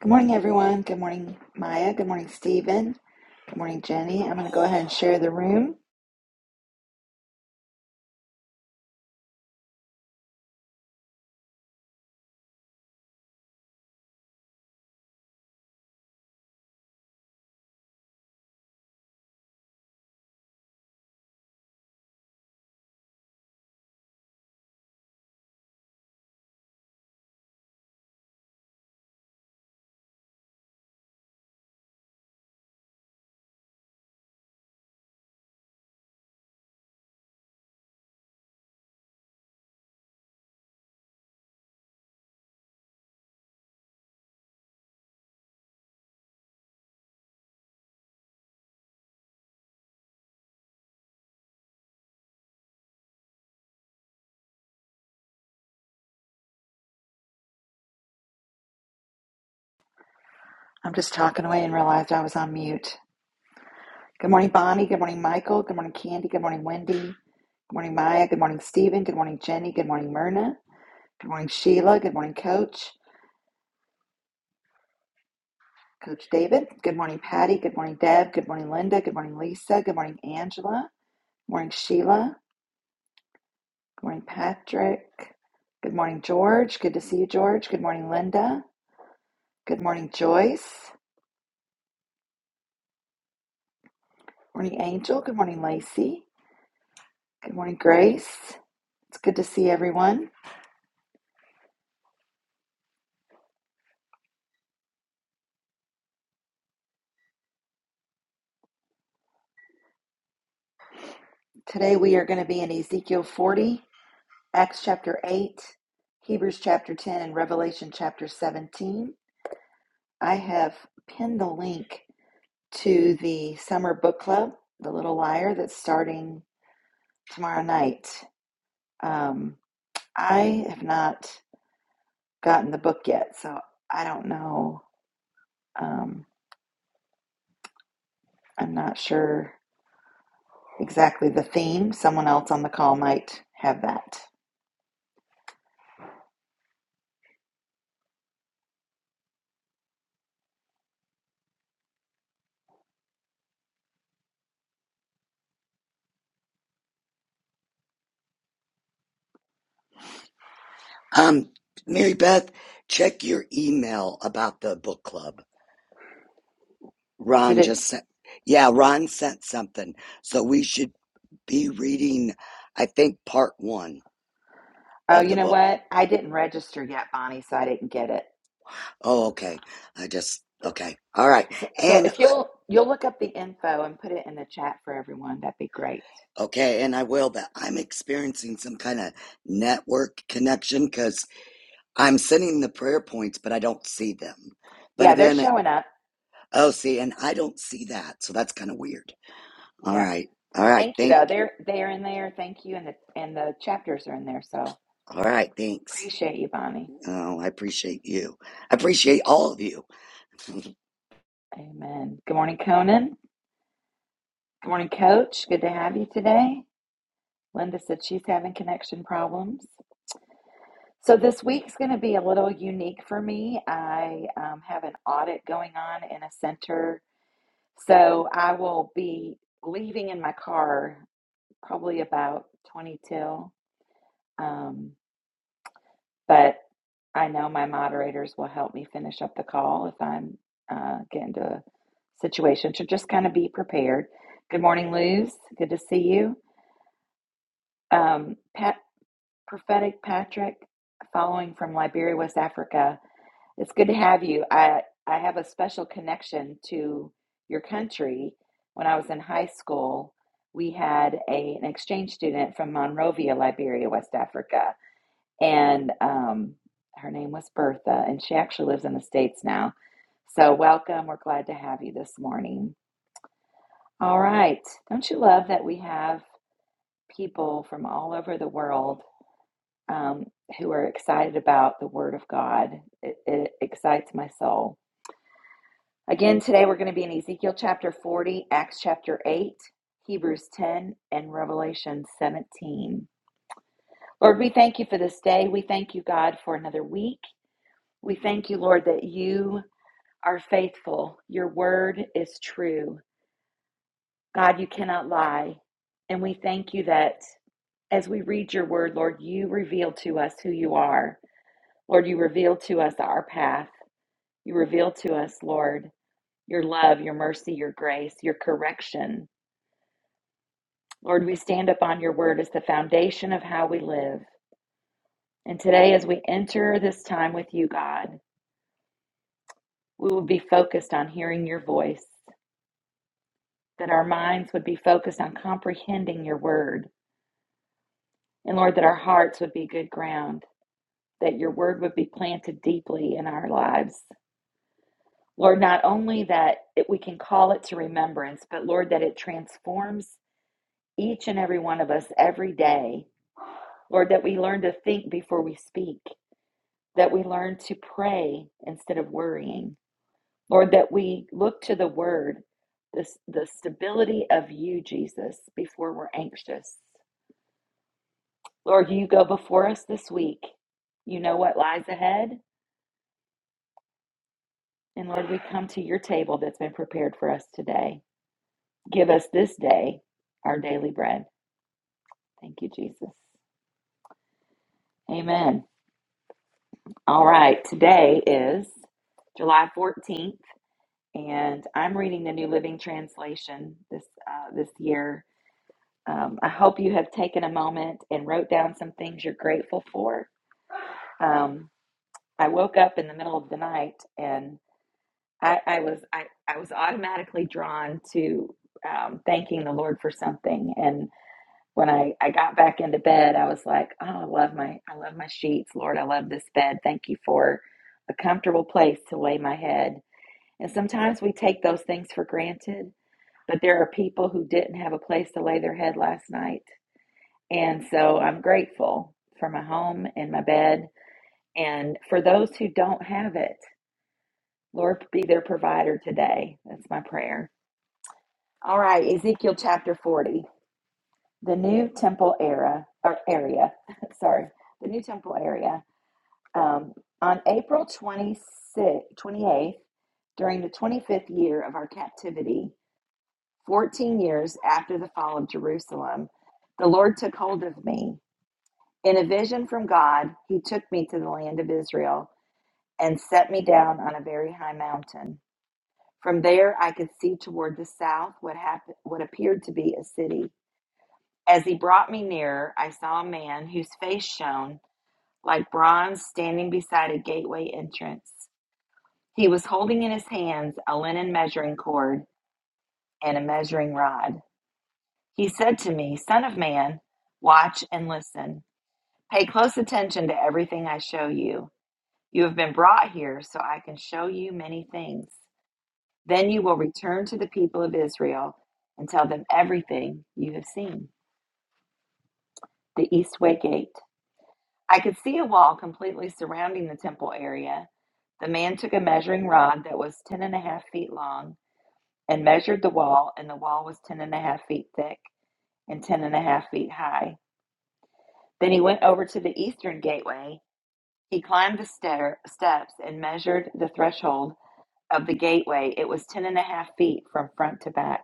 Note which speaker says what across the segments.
Speaker 1: Good morning, everyone. Good morning, Maya. Good morning, Stephen. Good morning, Jenny. I'm going to go ahead and share the room. I'm just talking away and realized I was on mute. Good morning, Bonnie. Good morning, Michael. Good morning, Candy. Good morning, Wendy. Good morning, Maya. Good morning, Stephen. Good morning, Jenny. Good morning, Myrna. Good morning, Sheila. Good morning, Coach. Coach David. Good morning, Patty. Good morning, Deb. Good morning, Linda. Good morning, Lisa. Good morning, Angela. Good morning, Sheila. Good morning, Patrick. Good morning, George. Good to see you, George. Good morning, Linda. Good morning, Joyce. Morning, Angel. Good morning, Lacey. Good morning, Grace. It's good to see everyone. Today we are going to be in Ezekiel 40, Acts chapter 8, Hebrews chapter 10, and Revelation chapter 17. I have pinned the link to the summer book club, The Little Liar, that's starting tomorrow night. Um, I have not gotten the book yet, so I don't know. Um, I'm not sure exactly the theme. Someone else on the call might have that.
Speaker 2: Um, Mary Beth, check your email about the book club.
Speaker 1: Did
Speaker 2: Ron
Speaker 1: it?
Speaker 2: just sent, yeah, Ron sent something. So we should be reading, I think, part one
Speaker 1: Oh,
Speaker 2: of
Speaker 1: you
Speaker 2: the
Speaker 1: know
Speaker 2: book.
Speaker 1: what? I didn't register yet, Bonnie, so I didn't get it.
Speaker 2: Oh, okay. I just, okay. All right.
Speaker 1: So, so
Speaker 2: And,
Speaker 1: if
Speaker 2: I-
Speaker 1: you'll you'll look up the info and put it in the chat for everyone, that'd be great.
Speaker 2: okay. And I will, but I'm experiencing some kind of network connection because I'm sending the prayer points, but I don't see them. But
Speaker 1: Yeah, they're
Speaker 2: then, it,
Speaker 1: showing up.
Speaker 2: oh, see, and I don't see that. So that's kind of weird. All
Speaker 1: Yeah,
Speaker 2: right. All right.
Speaker 1: thank you
Speaker 2: Thank
Speaker 1: though. They're they're in there. Thank you, and the and the chapters are in there. So
Speaker 2: All right, thanks.
Speaker 1: appreciate you, Bonnie.
Speaker 2: Oh, I appreciate you. I appreciate all of you.
Speaker 1: Amen. Good morning, Conan. Good morning, Coach. Good to have you today. Linda said she's having connection problems. So, this week's going to be a little unique for me. I um, have an audit going on in a center. So, I will be leaving in my car probably about 20 till. Um, but I know my moderators will help me finish up the call if I'm uh, getting to a situation. So, just kind of be prepared. Good morning, Luz. Good to see you. um, Pat, prophetic Patrick, following from Liberia, West Africa. It's good to have you. I I have a special connection to your country. When I was in high school, we had a, an exchange student from Monrovia, Liberia, West Africa, and um, her name was Bertha, and she actually lives in the states now. So welcome. We're glad to have you this morning. All right. Don't you love that we have people from all over the world um, who are excited about the Word of God. It, it excites my soul. Again, today we're going to be in Ezekiel chapter 40, Acts chapter 8, Hebrews 10, and Revelation 17. Lord, we thank you for this day. We thank you, God, for another week. We thank you, Lord, that you are faithful. Your word is true. God, you cannot lie. And we thank you that as we read your word, Lord, you reveal to us who you are. Lord, you reveal to us our path. You reveal to us, Lord, your love, your mercy, your grace, your correction. Lord, we stand upon your word as the foundation of how we live. And today, as we enter this time with you, God, we will be focused on hearing your voice, that our minds would be focused on comprehending your word. And Lord, that our hearts would be good ground, that your word would be planted deeply in our lives. Lord, not only that it, we can call it to remembrance, but Lord, that it transforms each and every one of us every day. Lord, that we learn to think before we speak, that we learn to pray instead of worrying. Lord, that we look to the word, this, the stability of you, Jesus, before we're anxious. Lord, you go before us this week. You know what lies ahead. And Lord, we come to your table that's been prepared for us today. Give us this day our daily bread. Thank you, Jesus. Amen. All right, today is July 14th, and I'm reading the New Living Translation this uh, this year. Um, I hope you have taken a moment and wrote down some things you're grateful for. Um, I woke up in the middle of the night, and I, I was I, I was automatically drawn to um, thanking the Lord for something, and. when I, I got back into bed, I was like, oh, I love my I love my sheets, Lord, I love this bed. Thank you for a comfortable place to lay my head. And sometimes we take those things for granted, but there are people who didn't have a place to lay their head last night. And so I'm grateful for my home and my bed. And for those who don't have it, Lord, be their provider today. That's my prayer. All right, Ezekiel chapter 40. The new temple era or area, sorry, the new temple area. Um, on April 26, 28th, during the 25th year of our captivity, 14 years after the fall of Jerusalem, the Lord took hold of me. In a vision from God, he took me to the land of Israel and set me down on a very high mountain. From there, I could see toward the south what happened, what appeared to be a city. As he brought me nearer, I saw a man whose face shone like bronze standing beside a gateway entrance. He was holding in his hands a linen measuring cord and a measuring rod. He said to me, Son of man, watch and listen. Pay close attention to everything I show you. You have been brought here so I can show you many things. Then you will return to the people of Israel and tell them everything you have seen. The Eastway Gate. I could see a wall completely surrounding the temple area. The man took a measuring rod that was ten and a half feet long and measured the wall, and the wall was ten and a half feet thick and ten and a half feet high. Then he went over to the eastern gateway. He climbed the stair, steps and measured the threshold of the gateway. It was ten and a half feet from front to back.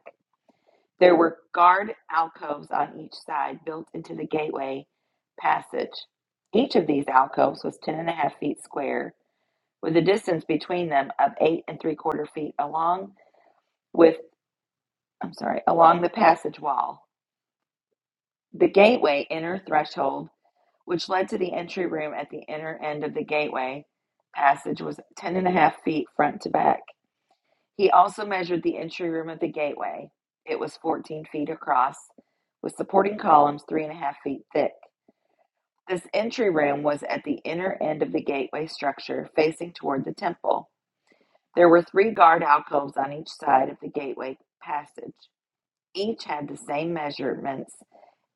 Speaker 1: There were guard alcoves on each side built into the gateway passage. Each of these alcoves was ten and a half feet square with a distance between them of eight and three quarter feet along with I'm sorry, along the passage wall. The gateway inner threshold, which led to the entry room at the inner end of the gateway passage, was ten and a half feet front to back. He also measured the entry room of the gateway. It was fourteen feet across, with supporting columns three and a half feet thick. This entry room was at the inner end of the gateway structure, facing toward the temple. There were three guard alcoves on each side of the gateway passage. Each had the same measurements,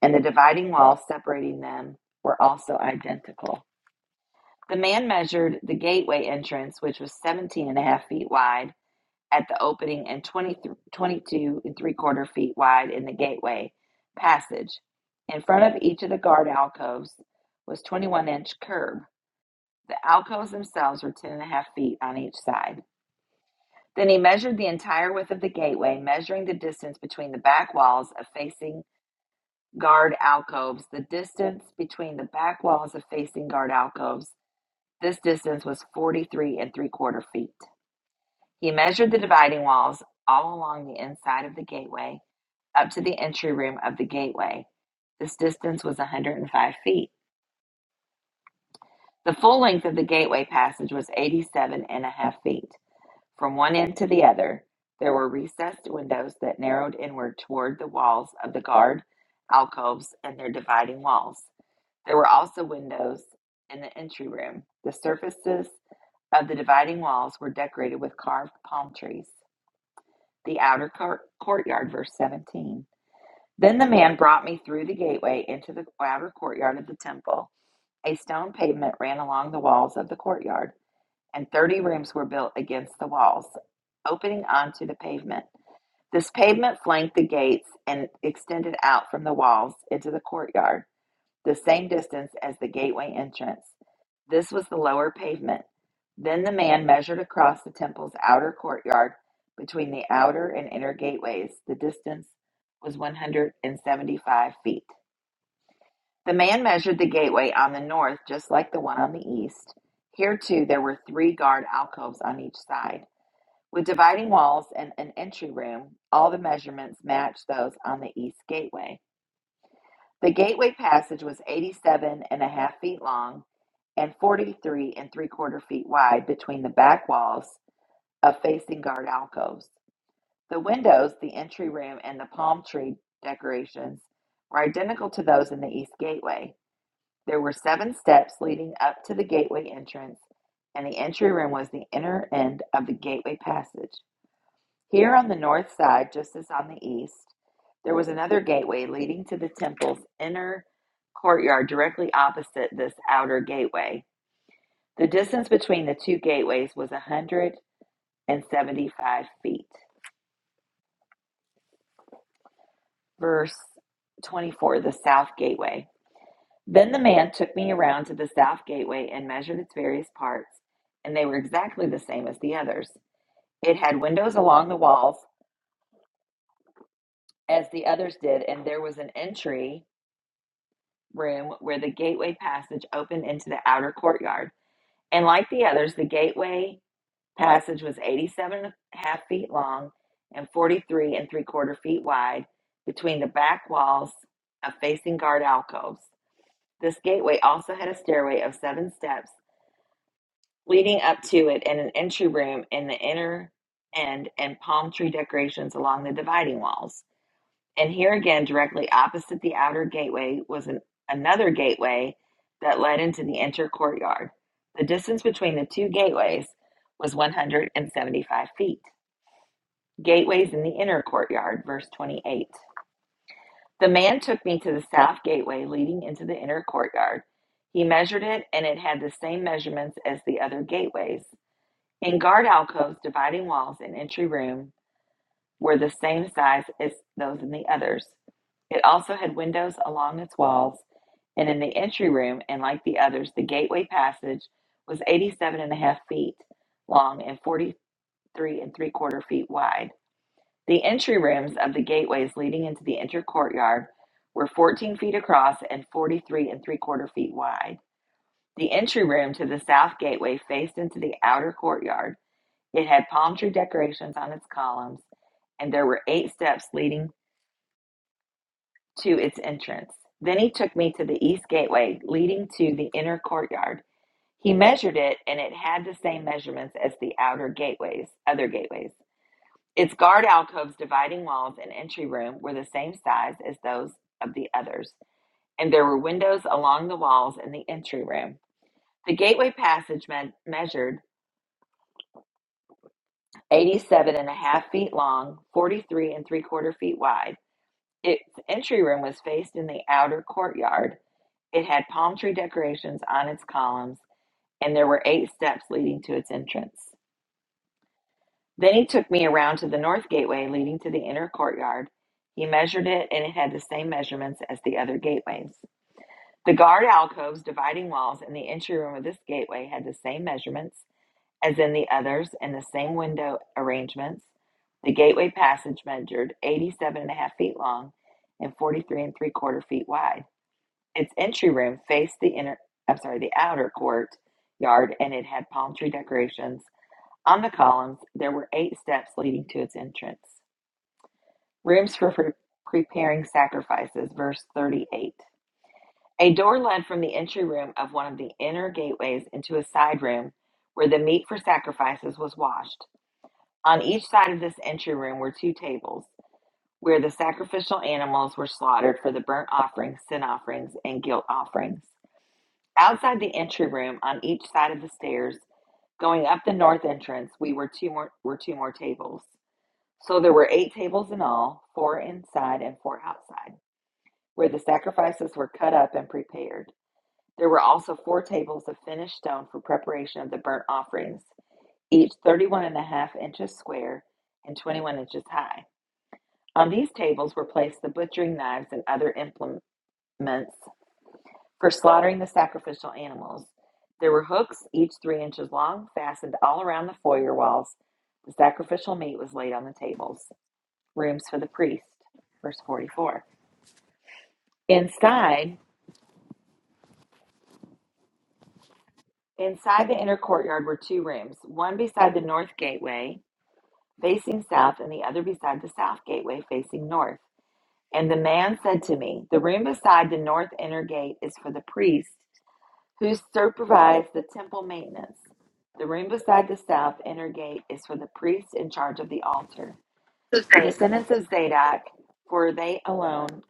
Speaker 1: and the dividing walls separating them were also identical. The man measured the gateway entrance, which was 17 and a half feet wide at the opening and 22 and three quarter feet wide in the gateway passage. In front of each of the guard alcoves was 21 inch curb. The alcoves themselves were 10 and a half feet on each side. Then he measured the entire width of the gateway, measuring the distance between the back walls of facing guard alcoves. The distance between the back walls of facing guard alcoves, this distance was 43 and three quarter feet. He measured the dividing walls all along the inside of the gateway up to the entry room of the gateway. This distance was 105 feet. The full length of the gateway passage was 87 and a half feet. From one end to the other, there were recessed windows that narrowed inward toward the walls of the guard alcoves and their dividing walls. There were also windows in the entry room. The surfaces of the dividing walls were decorated with carved palm trees. The outer court courtyard, verse 17. Then the man brought me through the gateway into the outer courtyard of the temple. A stone pavement ran along the walls of the courtyard and 30 rooms were built against the walls, opening onto the pavement. This pavement flanked the gates and extended out from the walls into the courtyard, the same distance as the gateway entrance. This was the lower pavement. Then the man measured across the temple's outer courtyard between the outer and inner gateways. The distance was 175 feet. The man measured the gateway on the north, just like the one on the east. Here, too, there were three guard alcoves on each side, with dividing walls and an entry room. All the measurements matched those on the east gateway. The gateway passage was eighty-seven and a half feet long and 43 and three quarter feet wide between the back walls of facing guard alcoves. The windows, the entry room, and the palm tree decorations were identical to those in the east gateway. There were seven steps leading up to the gateway entrance, and the entry room was the inner end of the gateway passage. Here on the north side, just as on the east, there was another gateway leading to the temple's inner courtyard directly opposite this outer gateway. The distance between the two gateways was 175 feet. Verse 24, the south gateway. Then the man took me around to the south gateway and measured its various parts, and they were exactly the same as the others. It had windows along the walls, as the others did, and there was an entry room where the gateway passage opened into the outer courtyard. And like the others, the gateway passage was 87 and a half feet long and 43 and three quarter feet wide between the back walls of facing guard alcoves. This gateway also had a stairway of seven steps leading up to it and an entry room in the inner end and palm tree decorations along the dividing walls. And here again, directly opposite the outer gateway, was an, another gateway that led into the inner courtyard. The distance between the two gateways was 175 feet. Gateways in the inner courtyard, verse 28. The man took me to the south gateway leading into the inner courtyard. He measured it, and it had the same measurements as the other gateways. In guard alcoves, dividing walls, and entry room were the same size as those in the others. It also had windows along its walls, and in the entry room, and like the others, the gateway passage was eighty-seven and a half feet long and 43 and three quarter feet wide. The entry rooms of the gateways leading into the inner courtyard were 14 feet across and 43 and three quarter feet wide. The entry room to the south gateway faced into the outer courtyard it had palm tree decorations on its columns, and there were eight steps leading to its entrance. Then he took me to the east gateway leading to the inner courtyard. He measured it, and it had the same measurements as the outer gateways, other gateways. Its guard alcoves, dividing walls, and entry room were the same size as those of the others, and there were windows along the walls in the entry room. The gateway passage me- measured eighty-seven and a half feet long, 43 and three quarter feet wide Its entry room was faced in the outer courtyard. It had palm tree decorations on its columns, and there were eight steps leading to its entrance. Then he took me around to the north gateway leading to the inner courtyard. He measured it, and it had the same measurements as the other gateways. The guard alcoves dividing walls in the entry room of this gateway had the same measurements as in the others and the same window arrangements. The gateway passage measured eighty-seven and a half feet long and 43 and three quarter feet wide. Its entry room faced the inner, I'm sorry, the outer court yard, and it had palm tree decorations on the columns. There were eight steps leading to its entrance. Rooms for pre- preparing sacrifices, verse 38. A door led from the entry room of one of the inner gateways into a side room where the meat for sacrifices was washed. On each side of this entry room were two tables where the sacrificial animals were slaughtered for the burnt offerings, sin offerings, and guilt offerings. Outside the entry room, on each side of the stairs, going up the north entrance, we were two more were two more tables. So there were eight tables in all, four inside and four outside, where the sacrifices were cut up and prepared. There were also four tables of finished stone for preparation of the burnt offerings, each thirty-one and a half inches square and 21 inches high. On these tables were placed the butchering knives and other implements For slaughtering the sacrificial animals, there were hooks, each three inches long, fastened all around the foyer walls. The sacrificial meat was laid on the tables. Rooms for the priest. Verse 44. Inside, inside the inner courtyard were two rooms, one beside the north gateway facing south and the other beside the south gateway facing north. And the man said to me, The room beside the north inner gate is for the priest who supervised the temple maintenance. The room beside the south inner gate is for the priests in charge of the altar. The
Speaker 3: Hey,
Speaker 1: descendants of Zadok, for they alone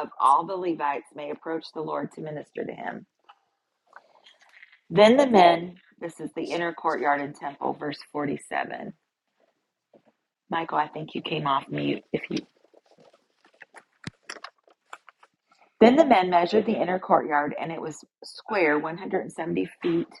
Speaker 1: of all the Levites may approach the Lord to minister to him. Then the men, this is the inner courtyard and temple, verse 47. Michael, I think you came off mute. If you then the men measured the inner courtyard, and it was square 170 feet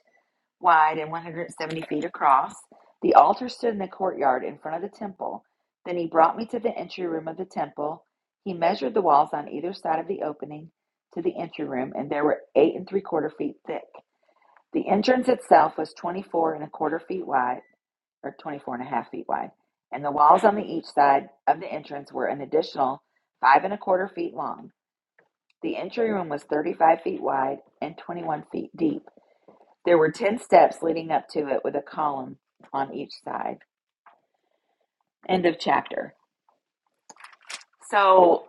Speaker 1: wide and 170 feet across. The altar stood in the courtyard in front of the temple. Then he brought me to the entry room of the temple. He measured the walls on either side of the opening to the entry room, and they were eight and three quarter feet thick. The entrance itself was 24 and a quarter feet wide, or 24 and a half feet wide, and the walls on the each side of the entrance were an additional five and a quarter feet long. The entry room was 35 feet wide and 21 feet deep. There were 10 steps leading up to it with a column on each side. End of chapter. So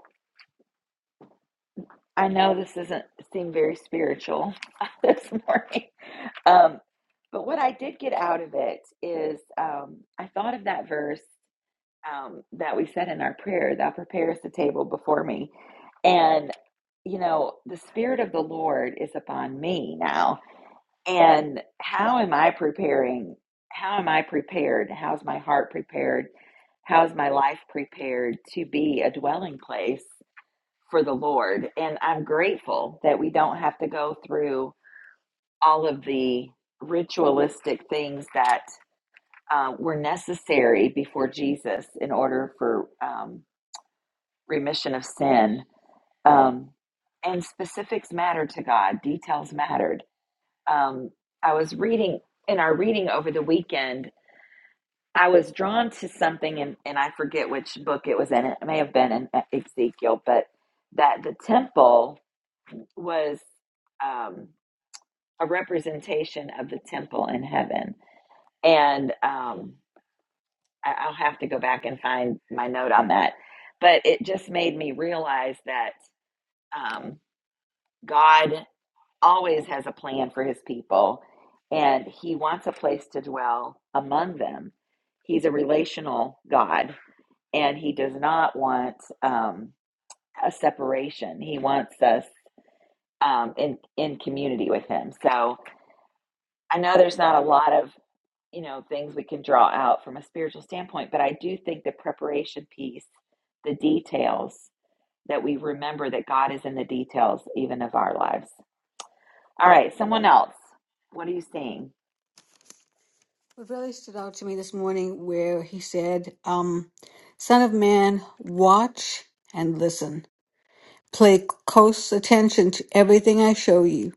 Speaker 1: I know this doesn't seem very spiritual this morning. Um, but what I did get out of it is um, I thought of that verse um, that we said in our prayer, Thou preparest the table before me. And, you know, the Spirit of the Lord is upon me now And how am I preparing? How am I prepared? How's my heart prepared? How's my life prepared to be a dwelling place for the Lord? And I'm grateful that we don't have to go through all of the ritualistic things that uh, were necessary before Jesus in order for um, remission of sin. Um, and specifics matter to God, details matter. um, I was reading in our reading over the weekend. I was drawn to something, and, and I forget which book it was in. It may have been in uh, Ezekiel, but that the temple was um, a representation of the temple in heaven. And um, I, I'll have to go back and find my note on that. But it just made me realize that um, God. always has a plan for his people and he wants a place to dwell among them. He's a relational God and he does not want um, a separation. He wants us um, in, in community with him. So I know there's not a lot of, you know, things we can draw out from a spiritual standpoint, but I do think the preparation piece, the details that we remember that God is in the details even of our lives. All right, someone else. What are you seeing?
Speaker 4: What really stood out to me this morning where he said, um, Son of man, watch and listen. Pay close attention to everything I show you.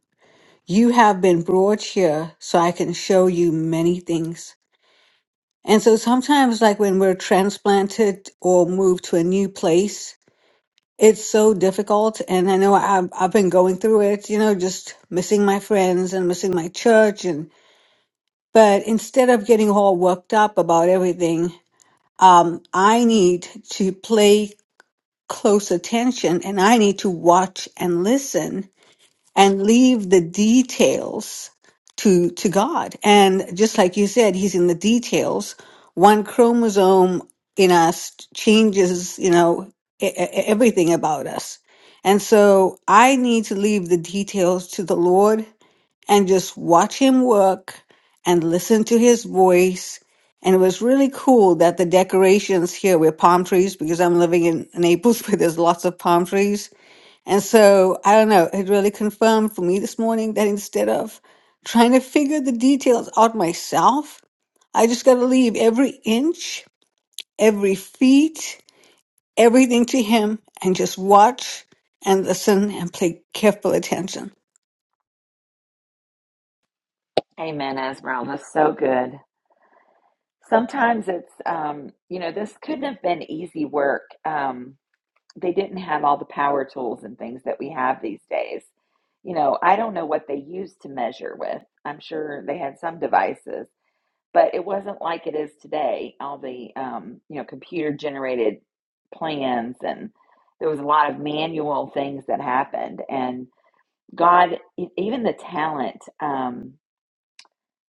Speaker 4: You have been brought here so I can show you many things. And so sometimes, like when we're transplanted or moved to a new place, it's so difficult. And I know I've, I've been going through it, you know, just missing my friends and missing my church and but instead of getting all worked up about everything, um, I need to play close attention and I need to watch and listen and leave the details to, to God. And just like you said, he's in the details. One chromosome in us changes, you know, e- e- everything about us. And so I need to leave the details to the Lord and just watch him work and listen to his voice. And it was really cool that the decorations here were palm trees because I'm living in Naples where there's lots of palm trees. And so I don't know, it really confirmed for me this morning that instead of trying to figure the details out myself, I just got to leave every inch, every feet, everything to him and just watch and listen and pay careful attention.
Speaker 1: Amen, Esmeralda. So good. Sometimes it's, um, you know, this couldn't have been easy work. Um, they didn't have all the power tools and things that we have these days. You know, I don't know what they used to measure with. I'm sure they had some devices, but it wasn't like it is today. All the, um, you know, computer generated plans and there was a lot of manual things that happened. And God, e- even the talent. Um,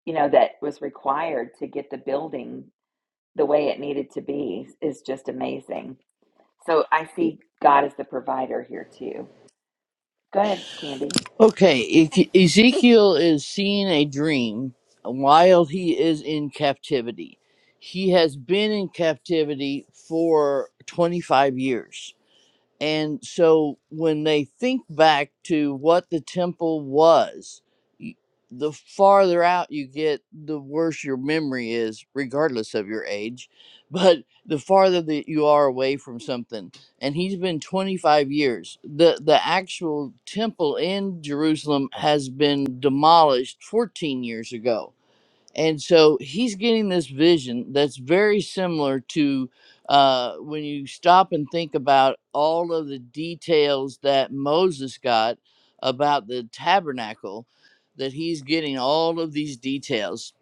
Speaker 1: you know, that was required to get the building the way it needed to be is just amazing. So I see God as the provider here too. Go ahead, Candy.
Speaker 5: Okay, E- Ezekiel is seeing a dream while he is in captivity. He has been in captivity for 25 years. And so when they think back to what the temple was, y- the farther out you get, the worse your memory is, regardless of your age. But the farther that you are away from something, and he's been 25 years, the, the actual temple in Jerusalem has been demolished 14 years ago and so he's getting this vision that's very similar to uh, when you stop and think about all of the details that Moses got about the tabernacle, that he's getting all of these details.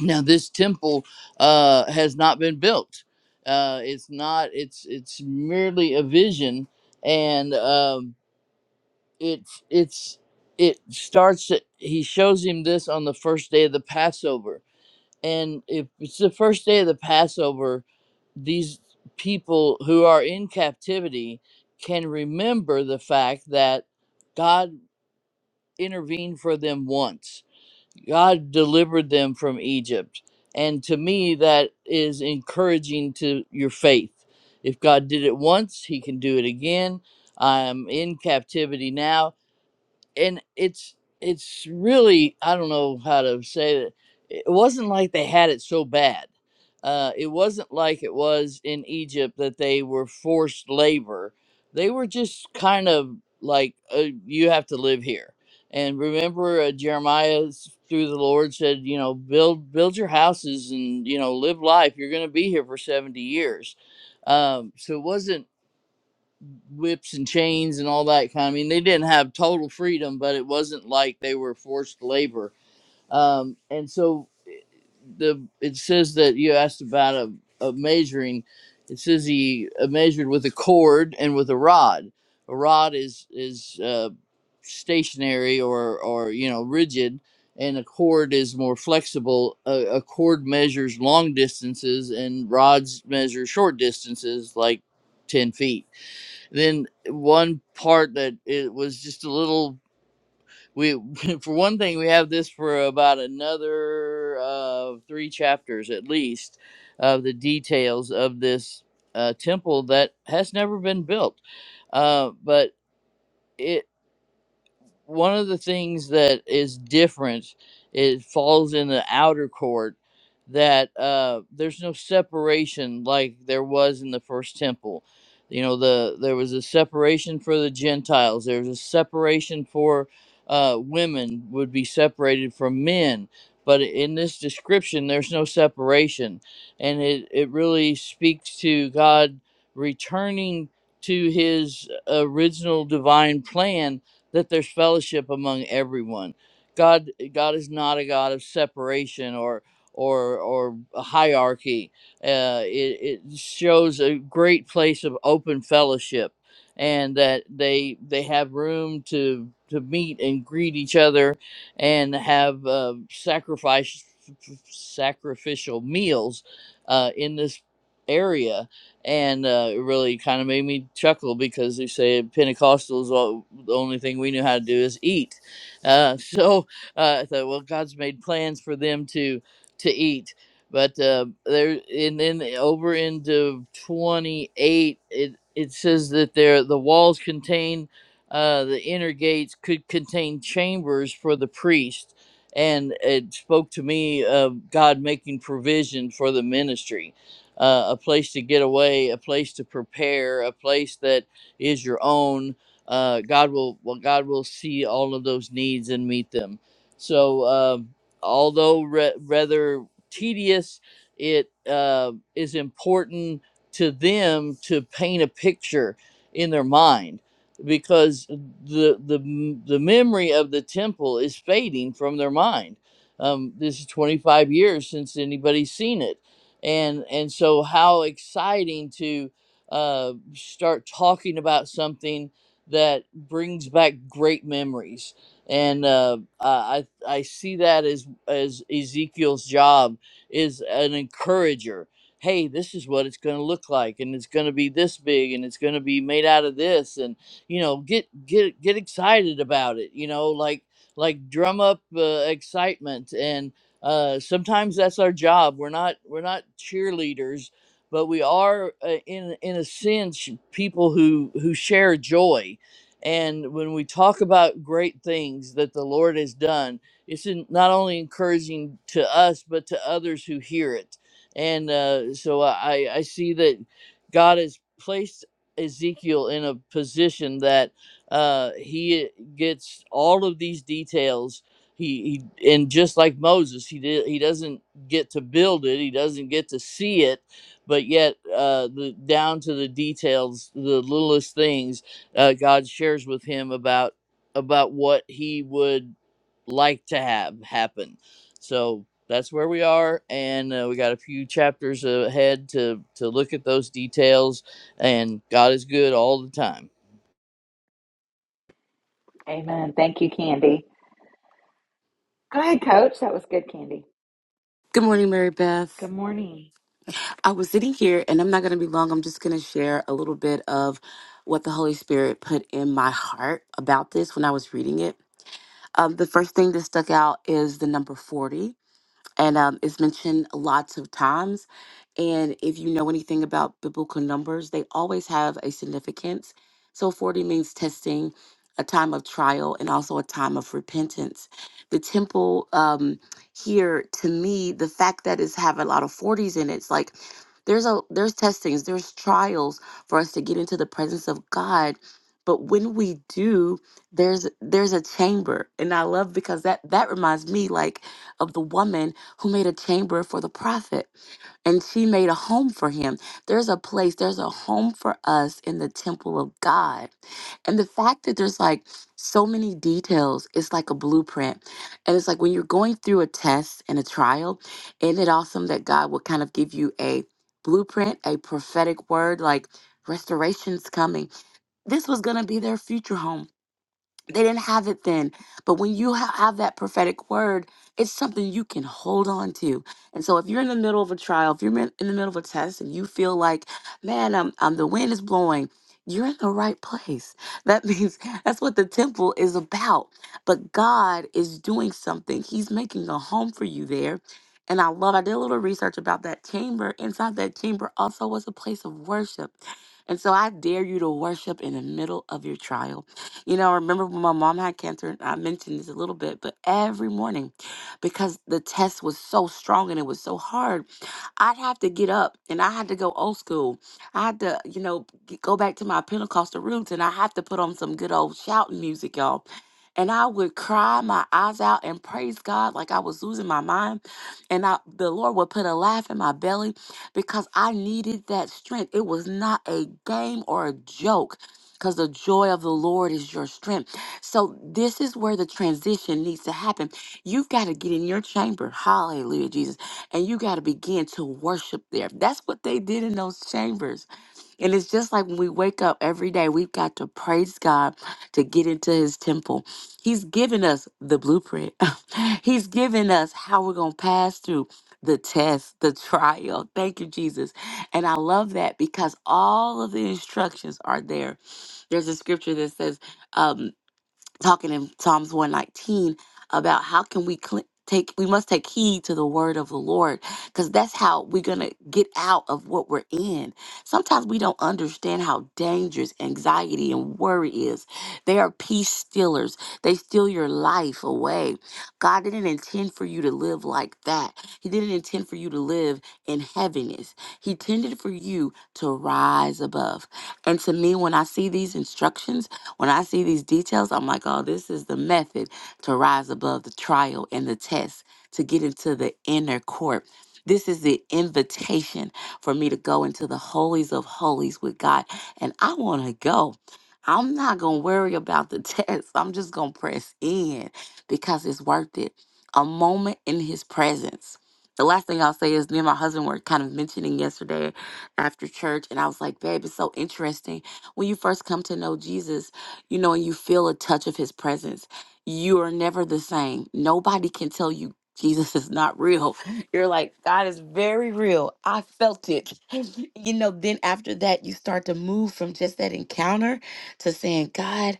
Speaker 5: Now, this temple uh, has not been built. Uh, it's not. It's it's merely a vision, and um, it's it's it starts. He shows him this on the first day of the Passover and if it's the first day of the Passover, these people who are in captivity can remember the fact that God intervened for them once. God delivered them from Egypt. And to me, that is encouraging to your faith. If God did it once, He can do it again. I'm in captivity now and it's it's really I don't know how to say it. It wasn't like they had it so bad. Uh, it wasn't like it was in Egypt that they were forced labor. They were just kind of like uh, you have to live here. And remember, uh, Jeremiah s- through the Lord said, you know, build build your houses and you know live life. You're going to be here for seventy years. Um, so it wasn't whips and chains and all that kind. I mean, they didn't have total freedom, but it wasn't like they were forced labor. Um, and so eh, the it says that you asked about a, a measuring. It says he uh, measured with a cord and with a rod. A rod is is uh, stationary or or you know rigid, and a cord is more flexible. A, a cord measures long distances, and rods measure short distances, like ten feet then one part that it was just a little we for one thing we have this for about another uh, three chapters at least of the details of this uh, temple that has never been built uh, but it one of the things that is different it falls in the outer court that uh, there's no separation like there was in the first temple you know the there was a separation for the gentiles there was a separation for uh, women would be separated from men but in this description there's no separation and it, it really speaks to god returning to his uh, original divine plan that there's fellowship among everyone. God God is not a God of separation or or or a hierarchy. Uh, it, it shows a great place of open fellowship, and that they they have room to to meet and greet each other, and have uh, sacrifice sacrificial meals uh, in this area and uh, it really kind of made me chuckle because they say Pentecostals the only thing we knew how to do is eat. Uh, so uh, I thought, well, God's made plans for them to to eat. But uh, there, and then over into twenty eight, it it says that there the walls contain uh, the inner gates could contain chambers for the priest, and it spoke to me of God making provision for the ministry, uh, a place to get away, a place to prepare, a place that is your own, uh, God will well, God will see all of those needs and meet them. So um, although re- rather tedious, it uh, is important to them to paint a picture in their mind because the the m- the memory of the temple is fading from their mind. Um, this is 25 years since anybody's seen it, and and so how exciting to uh, start talking about something that brings back great memories. And uh, I I see that as as Ezekiel's job is an encourager. Hey, this is what it's going to look like, and it's going to be this big, and it's going to be made out of this, and you know, get get get excited about it. You know, like like drum up uh, excitement, and uh, sometimes that's our job. We're not we're not cheerleaders but we are uh, in in a sense people who who share joy and when we talk about great things that the Lord has done, it's in- not only encouraging to us, but to others who hear it. And uh, so I, I see that God has placed Ezekiel in a position that uh, he gets all of these details. He, he and just like Moses, he did, he doesn't get to build it, he doesn't get to see it, but yet uh, the down to the details, the littlest things uh, God shares with him about about what he would like to have happen. So that's where we are, and uh, we got a few chapters ahead to to look at those details. And God is good all the time.
Speaker 1: Amen. Thank you, Candy. Go ahead, Coach. That was good, Candy.
Speaker 6: Good morning, Mary Beth.
Speaker 1: Good morning.
Speaker 6: I was sitting here and I'm not going to be long. I'm just going to share a little bit of what the Holy Spirit put in my heart about this when I was reading it. Um, the first thing that stuck out is the number 40 and um, it's mentioned lots of times. And if you know anything about biblical numbers, they always have a significance. So 40 means testing, a time of trial, and also a time of repentance. The temple um, here, to me, the fact that it's have a lot of 40s in it, it's like there's a there's testings, there's trials for us to get into the presence of God. But when we do, there's there's a chamber, and I love because that that reminds me like of the woman who made a chamber for the prophet and she made a home for him. There's a place, there's a home for us in the temple of God. And the fact that there's like so many details, it's like a blueprint. And it's like when you're going through a test and a trial, isn't it awesome that God will kind of give you a blueprint, a prophetic word like restoration's coming? This was going to be their future home they didn't have it then. But when you ha- have that prophetic word, it's something you can hold on to. And so if you're in the middle of a trial, if you're in in the middle of a test and you feel like, man, um, um, the wind is blowing, you're in the right place. That means that's what the temple is about. But God is doing something, He's making a home for you there. And I love, I did a little research about that chamber. Inside that chamber also was a place of worship. And so I dare you to worship in the middle of your trial you know, I remember when my mom had cancer, and I mentioned this a little bit, but every morning, because the test was so strong and it was so hard, I'd have to get up and I had to go old school. I had to, you know, g- go back to my Pentecostal roots and I had to put on some good old shouting music, y'all. And I would cry my eyes out and praise God like I was losing my mind. And I, the Lord would put a laugh in my belly because I needed that strength. It was not a game or a joke because the joy of the Lord is your strength. So this is where the transition needs to happen. You've got to get in your chamber, hallelujah, Jesus, and you got to begin to worship there. That's what they did in those chambers. And it's just like when we wake up every day, we've got to praise God to get into his temple. He's given us the blueprint. He's given us how we're going to pass through the test, the trial. Thank you, Jesus. And I love that because all of the instructions are there there's a scripture that says, um, talking in Psalms 119 about how can we cl- take we must take heed to the word of the Lord cuz that's how we're going to get out of what we're in. Sometimes we don't understand how dangerous anxiety and worry is. They are peace stealers. They steal your life away. God didn't intend for you to live like that. He didn't intend for you to live in heaviness. He intended for you to rise above. And to me when I see these instructions when I see these details, I'm like, oh, this is the method to rise above the trial and the test, to get into the inner court. This is the invitation for me to go into the holies of holies with God. And I want to go. I'm not going to worry about the test. I'm just going to press in because it's worth it. A moment in his presence. The last thing I'll say is me and my husband were kind of mentioning yesterday after church, and I was like, babe, it's so interesting. When you first come to know Jesus, you know, and you feel a touch of his presence, you are never the same. Nobody can tell you Jesus is not real. You're like, God is very real. I felt it. You know, then after that, you start to move from just that encounter to saying, God,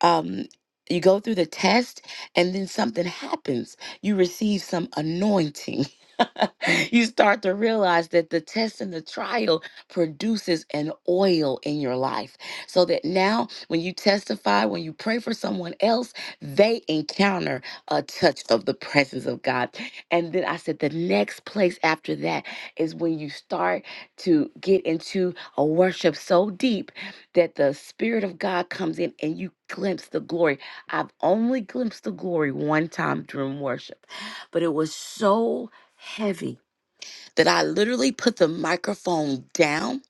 Speaker 6: um, you go through the test and then something happens. You receive some anointing. you start to realize that the test and the trial produces an oil in your life. So that now, when you testify, when you pray for someone else, they encounter a touch of the presence of God. And then I said, the next place after that is when you start to get into a worship so deep that the Spirit of God comes in and you glimpse the glory. I've only glimpsed the glory one time during worship, but it was so heavy that I literally put the microphone down.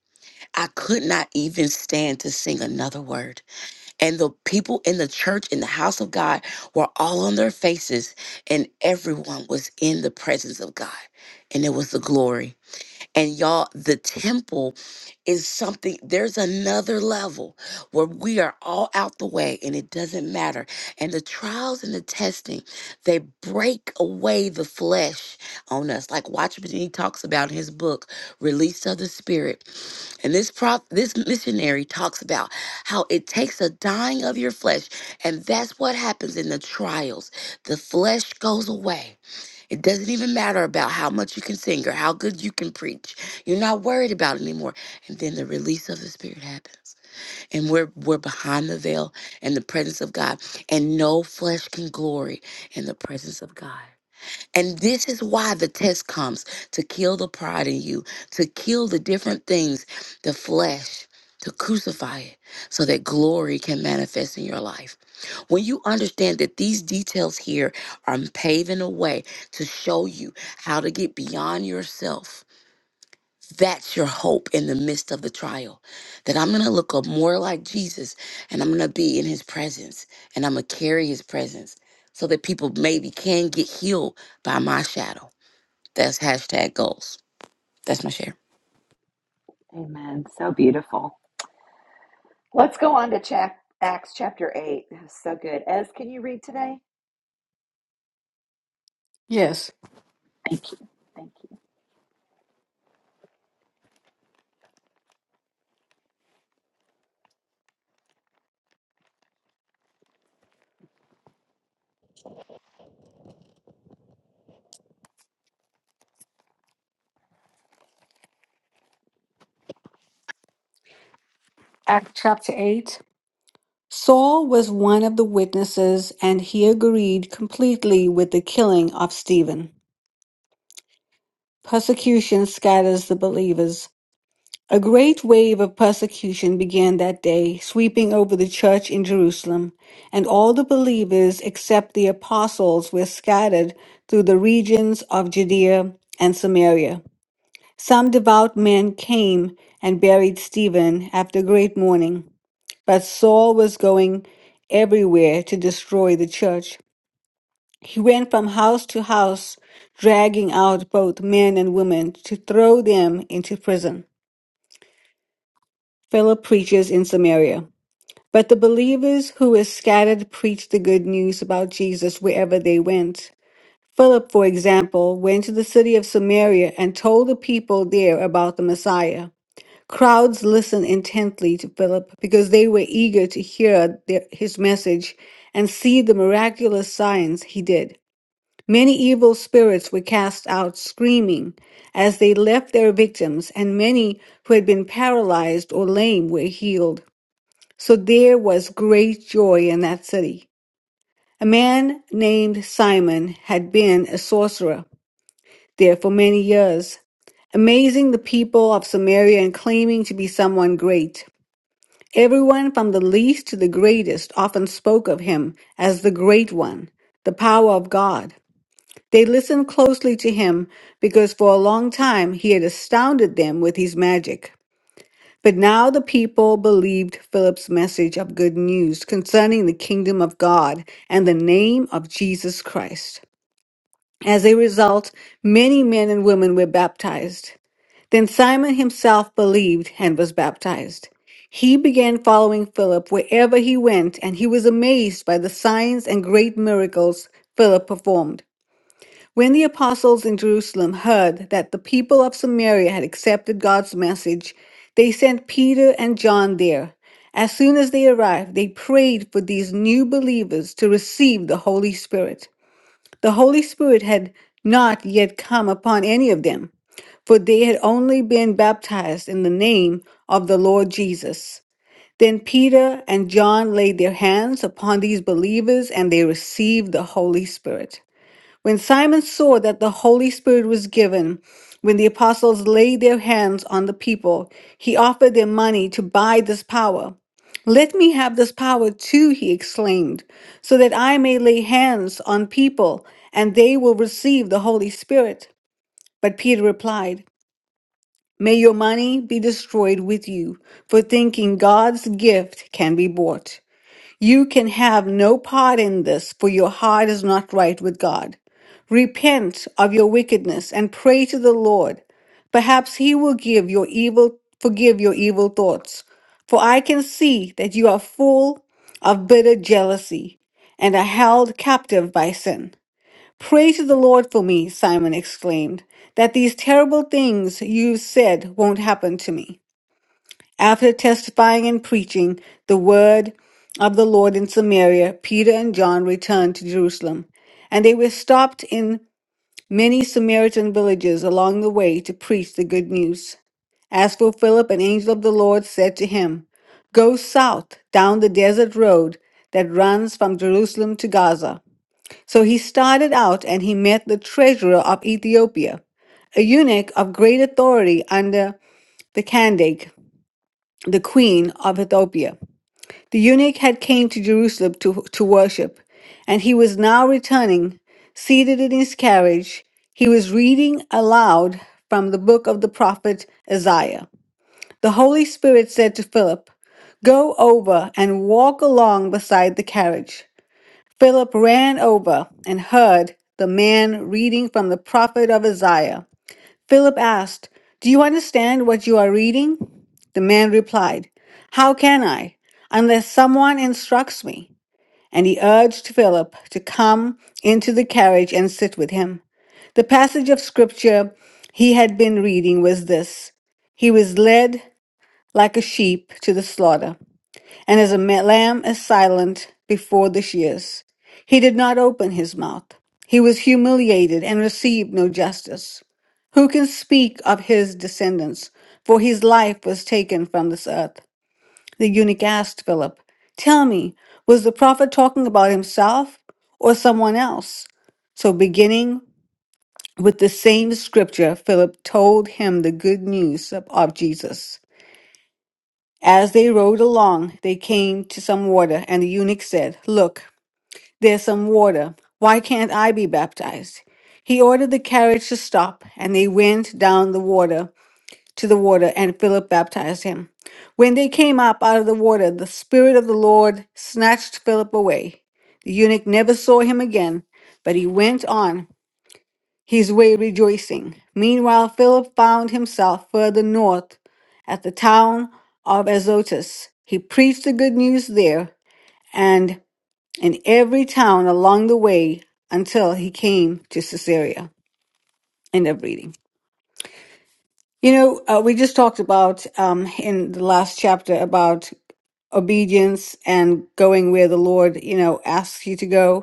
Speaker 6: I could not even stand to sing another word. And the people in the church, in the house of God, were all on their faces, and everyone was in the presence of God. And it was the glory. And y'all, the temple is something, there's another level where we are all out the way and it doesn't matter. And the trials and the testing, they break away the flesh on us. Like Watchman, he talks about in his book, Release of the Spirit. And this prop, this missionary talks about how it takes a dying of your flesh. And that's what happens in the trials. The flesh goes away it doesn't even matter about how much you can sing or how good you can preach. You're not worried about it anymore. And then the release of the Spirit happens. And we're we're behind the veil in the presence of God. And no flesh can glory in the presence of God. And this is why the test comes to kill the pride in you, to kill the different things, the flesh, to crucify it so that glory can manifest in your life. When you understand that these details here are paving a way to show you how to get beyond yourself that's your hope in the midst of the trial. That I'm going to look up more like Jesus and I'm going to be in his presence and I'm going to carry his presence so that people maybe can get healed by my shadow. That's hashtag goals. That's my share.
Speaker 1: Amen. So beautiful. Let's go on to chap- Acts chapter 8. That was so good. Ez, can you read today?
Speaker 4: Yes. Thank you.
Speaker 1: Thank you.
Speaker 4: To Eight. Saul was one of the witnesses, and he agreed completely with the killing of Stephen. Persecution scatters the believers. A great wave of persecution began that day, sweeping over the church in Jerusalem, and all the believers except the apostles were scattered through the regions of Judea and Samaria. Some devout men came and buried Stephen after great mourning. But Saul was going everywhere to destroy the church. He went from house to house, dragging out both men and women to throw them into prison. Philip preaches in Samaria. But the believers who were scattered preached the good news about Jesus wherever they went. Philip, for example, went to the city of Samaria and told the people there about the Messiah. Crowds listened intently to Philip because they were eager to hear the- his message and see the miraculous signs he did. Many evil spirits were cast out screaming as they left their victims, and many who had been paralyzed or lame were healed. So there was great joy in that city. A man named Simon had been a sorcerer there for many years, amazing the people of Samaria and claiming to be someone great. Everyone from the least to the greatest often spoke of him as the Great One, the power of God. They listened closely to him because for a long time he had astounded them with his magic. But now the people believed Philip's message of good news concerning the kingdom of God and the name of Jesus Christ. As a result, many men and women were baptized. Then Simon himself believed and was baptized. He began following Philip wherever he went, and he was amazed by the signs and great miracles Philip performed. When the apostles in Jerusalem heard that the people of Samaria had accepted God's message, they sent Peter and John there. As soon as they arrived, they prayed for these new believers to receive the Holy Spirit. The Holy Spirit had not yet come upon any of them, for they had only been baptized in the name of the Lord Jesus. Then Peter and John laid their hands upon these believers and they received the Holy Spirit. When Simon saw that the Holy Spirit was given, when the apostles laid their hands on the people, he offered them money to buy this power. Let me have this power too, he exclaimed, so that I may lay hands on people and they will receive the Holy Spirit. But Peter replied, May your money be destroyed with you for thinking God's gift can be bought. You can have no part in this, for your heart is not right with God. Repent of your wickedness and pray to the Lord. Perhaps he will give your evil forgive your evil thoughts. For I can see that you are full of bitter jealousy and are held captive by sin. Pray to the Lord for me, Simon exclaimed, that these terrible things you said won't happen to me. After testifying and preaching the word of the Lord in Samaria, Peter and John returned to Jerusalem. And they were stopped in many Samaritan villages along the way to preach the good news. As for Philip, an angel of the Lord said to him, Go south down the desert road that runs from Jerusalem to Gaza. So he started out and he met the treasurer of Ethiopia, a eunuch of great authority under the Candake the queen of Ethiopia. The eunuch had came to Jerusalem to, to worship, and he was now returning, seated in his carriage. He was reading aloud from the book of the prophet Isaiah. The Holy Spirit said to Philip, Go over and walk along beside the carriage. Philip ran over and heard the man reading from the prophet of Isaiah. Philip asked, Do you understand what you are reading? The man replied, How can I, unless someone instructs me? And he urged Philip to come into the carriage and sit with him. The passage of scripture he had been reading was this He was led like a sheep to the slaughter and as a ma- lamb is silent before the shears, he did not open his mouth. He was humiliated and received no justice. Who can speak of his descendants? For his life was taken from this earth. The eunuch asked Philip, Tell me, was the prophet talking about himself or someone else? So, beginning with the same scripture, Philip told him the good news of, of Jesus. As they rode along, they came to some water, and the eunuch said, Look, there's some water. Why can't I be baptized? He ordered the carriage to stop, and they went down the water to the water, and Philip baptized him. When they came up out of the water, the Spirit of the Lord snatched Philip away. The eunuch never saw him again, but he went on his way rejoicing. Meanwhile, Philip found himself further north at the town of Azotus. He preached the good news there and in every town along the way until he came to Caesarea. End of reading. You know, uh, we just talked about um, in the last chapter about obedience and going where the Lord, you know, asks you to go.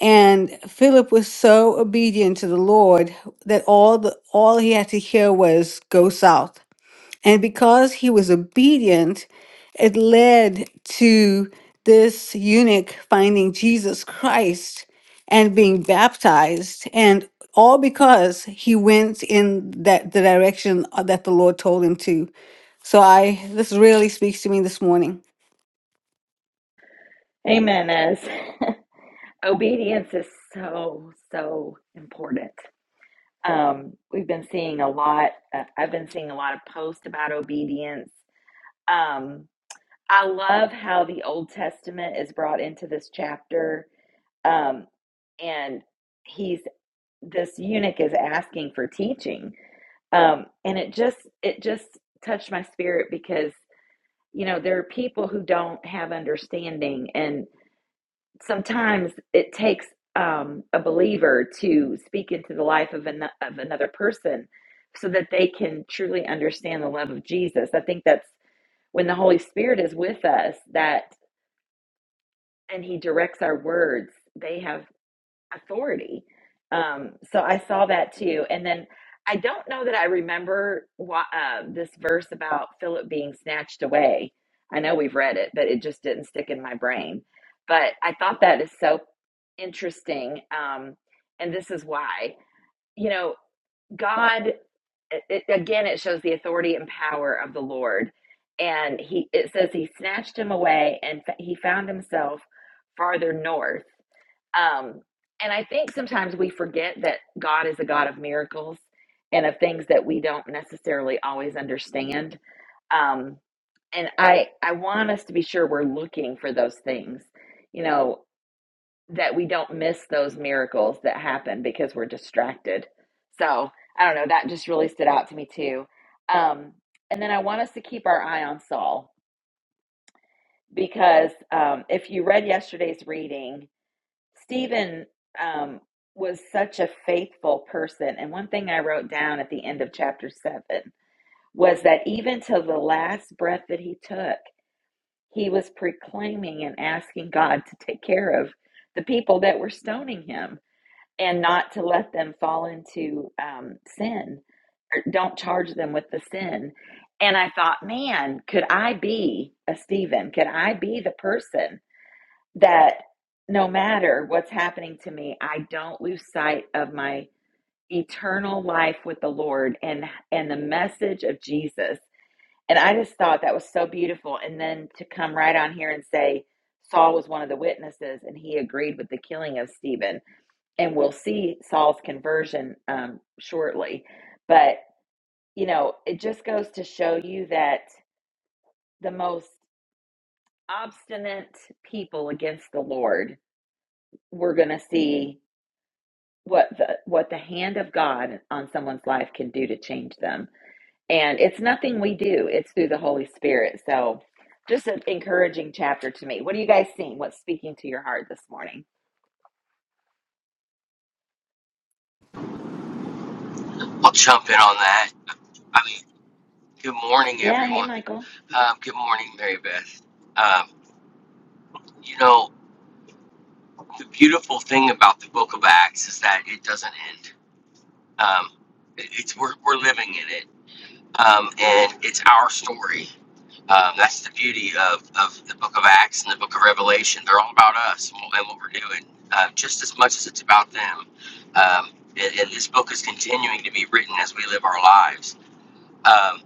Speaker 4: And Philip was so obedient to the Lord that all the all he had to hear was go south. And because he was obedient, it led to this eunuch finding Jesus Christ and being baptized and all because he went in that the direction uh, that the Lord told him to. So I this really speaks to me this morning.
Speaker 1: Amen, Ez. Obedience is so, so important. Um, we've been seeing a lot. Uh, I've been seeing a lot of posts about obedience. Um, I love how the Old Testament is brought into this chapter, um, and he's this eunuch is asking for teaching, um, and it just it just touched my spirit because you know there are people who don't have understanding, and sometimes it takes um, a believer to speak into the life of, an, of another person so that they can truly understand the love of Jesus. I think that's when the Holy Spirit is with us that and he directs our words. They have authority. Um, so I saw that too. And then I don't know that I remember why, uh, this verse about Philip being snatched away. I know we've read it, but it just didn't stick in my brain. But I thought that is so interesting. Um, and this is why, you know, God, it, it- again, it shows the authority and power of the Lord. And he, it says he snatched him away and fa- he found himself farther north um, and I think sometimes we forget that God is a God of miracles and of things that we don't necessarily always understand. Um, and I, I want us to be sure we're looking for those things, you know, that we don't miss those miracles that happen because we're distracted. So I don't know, that just really stood out to me too. Um, and then I want us to keep our eye on Saul because um, if you read yesterday's reading, Stephen um, was such a faithful person. And one thing I wrote down at the end of chapter seven was that even till the last breath that he took, he was proclaiming and asking God to take care of the people that were stoning him and not to let them fall into um, sin or don't charge them with the sin. And I thought, man, could I be a Stephen? Could I be the person? that no matter what's happening to me, I don't lose sight of my eternal life with the Lord and and the message of Jesus. And I just thought that was so beautiful. And then to come right on here and say Saul was one of the witnesses and he agreed with the killing of Stephen. And we'll see Saul's conversion um, shortly. But, you know, it just goes to show you that the most obstinate people against the Lord we're going to see what the what the hand of God on someone's life can do to change them. And it's nothing we do, it's through the Holy Spirit. So just an encouraging chapter to me. What are you guys seeing? What's speaking to your heart this morning?
Speaker 3: I'll jump in on that. I mean, good morning,
Speaker 1: Yeah, hey
Speaker 3: everyone.
Speaker 1: Michael.
Speaker 3: Um, good morning, Mary Beth. Um, you know, the beautiful thing about the Book of Acts is that it doesn't end. Um, it, it's we're, we're living in it, um, and it's our story. Um, that's the beauty of, of the Book of Acts and the Book of Revelation. They're all about us and what and what we're doing, uh, just as much as it's about them. Um, and, and this book is continuing to be written as we live our lives. Um,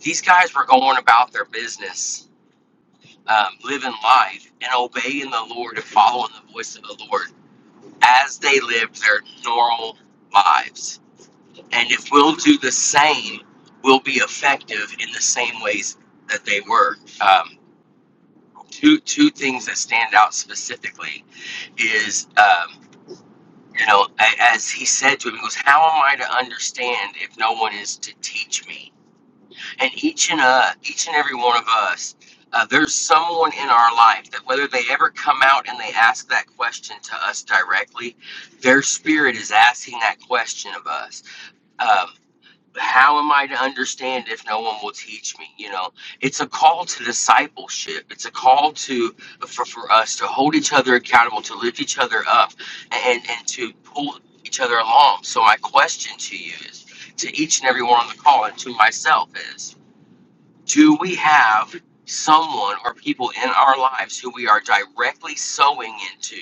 Speaker 3: These guys were going about their business, um, living life and obeying the Lord and following the voice of the Lord as they lived their normal lives. And if we'll do the same, we'll be effective in the same ways that they were. Um, two two things that stand out specifically is um, you know as he said to him he goes how am i to understand if no one is to teach me and each and uh, each and every one of us, uh, there's someone in our life that whether they ever come out and they ask that question to us directly, their spirit is asking that question of us. Um, how am I to understand if no one will teach me? You know, it's a call to discipleship. It's a call to for, for us to hold each other accountable, to lift each other up, and and to pull each other along. So my question to you is, to each and every one on the call, and to myself is do we have someone or people in our lives who we are directly sowing into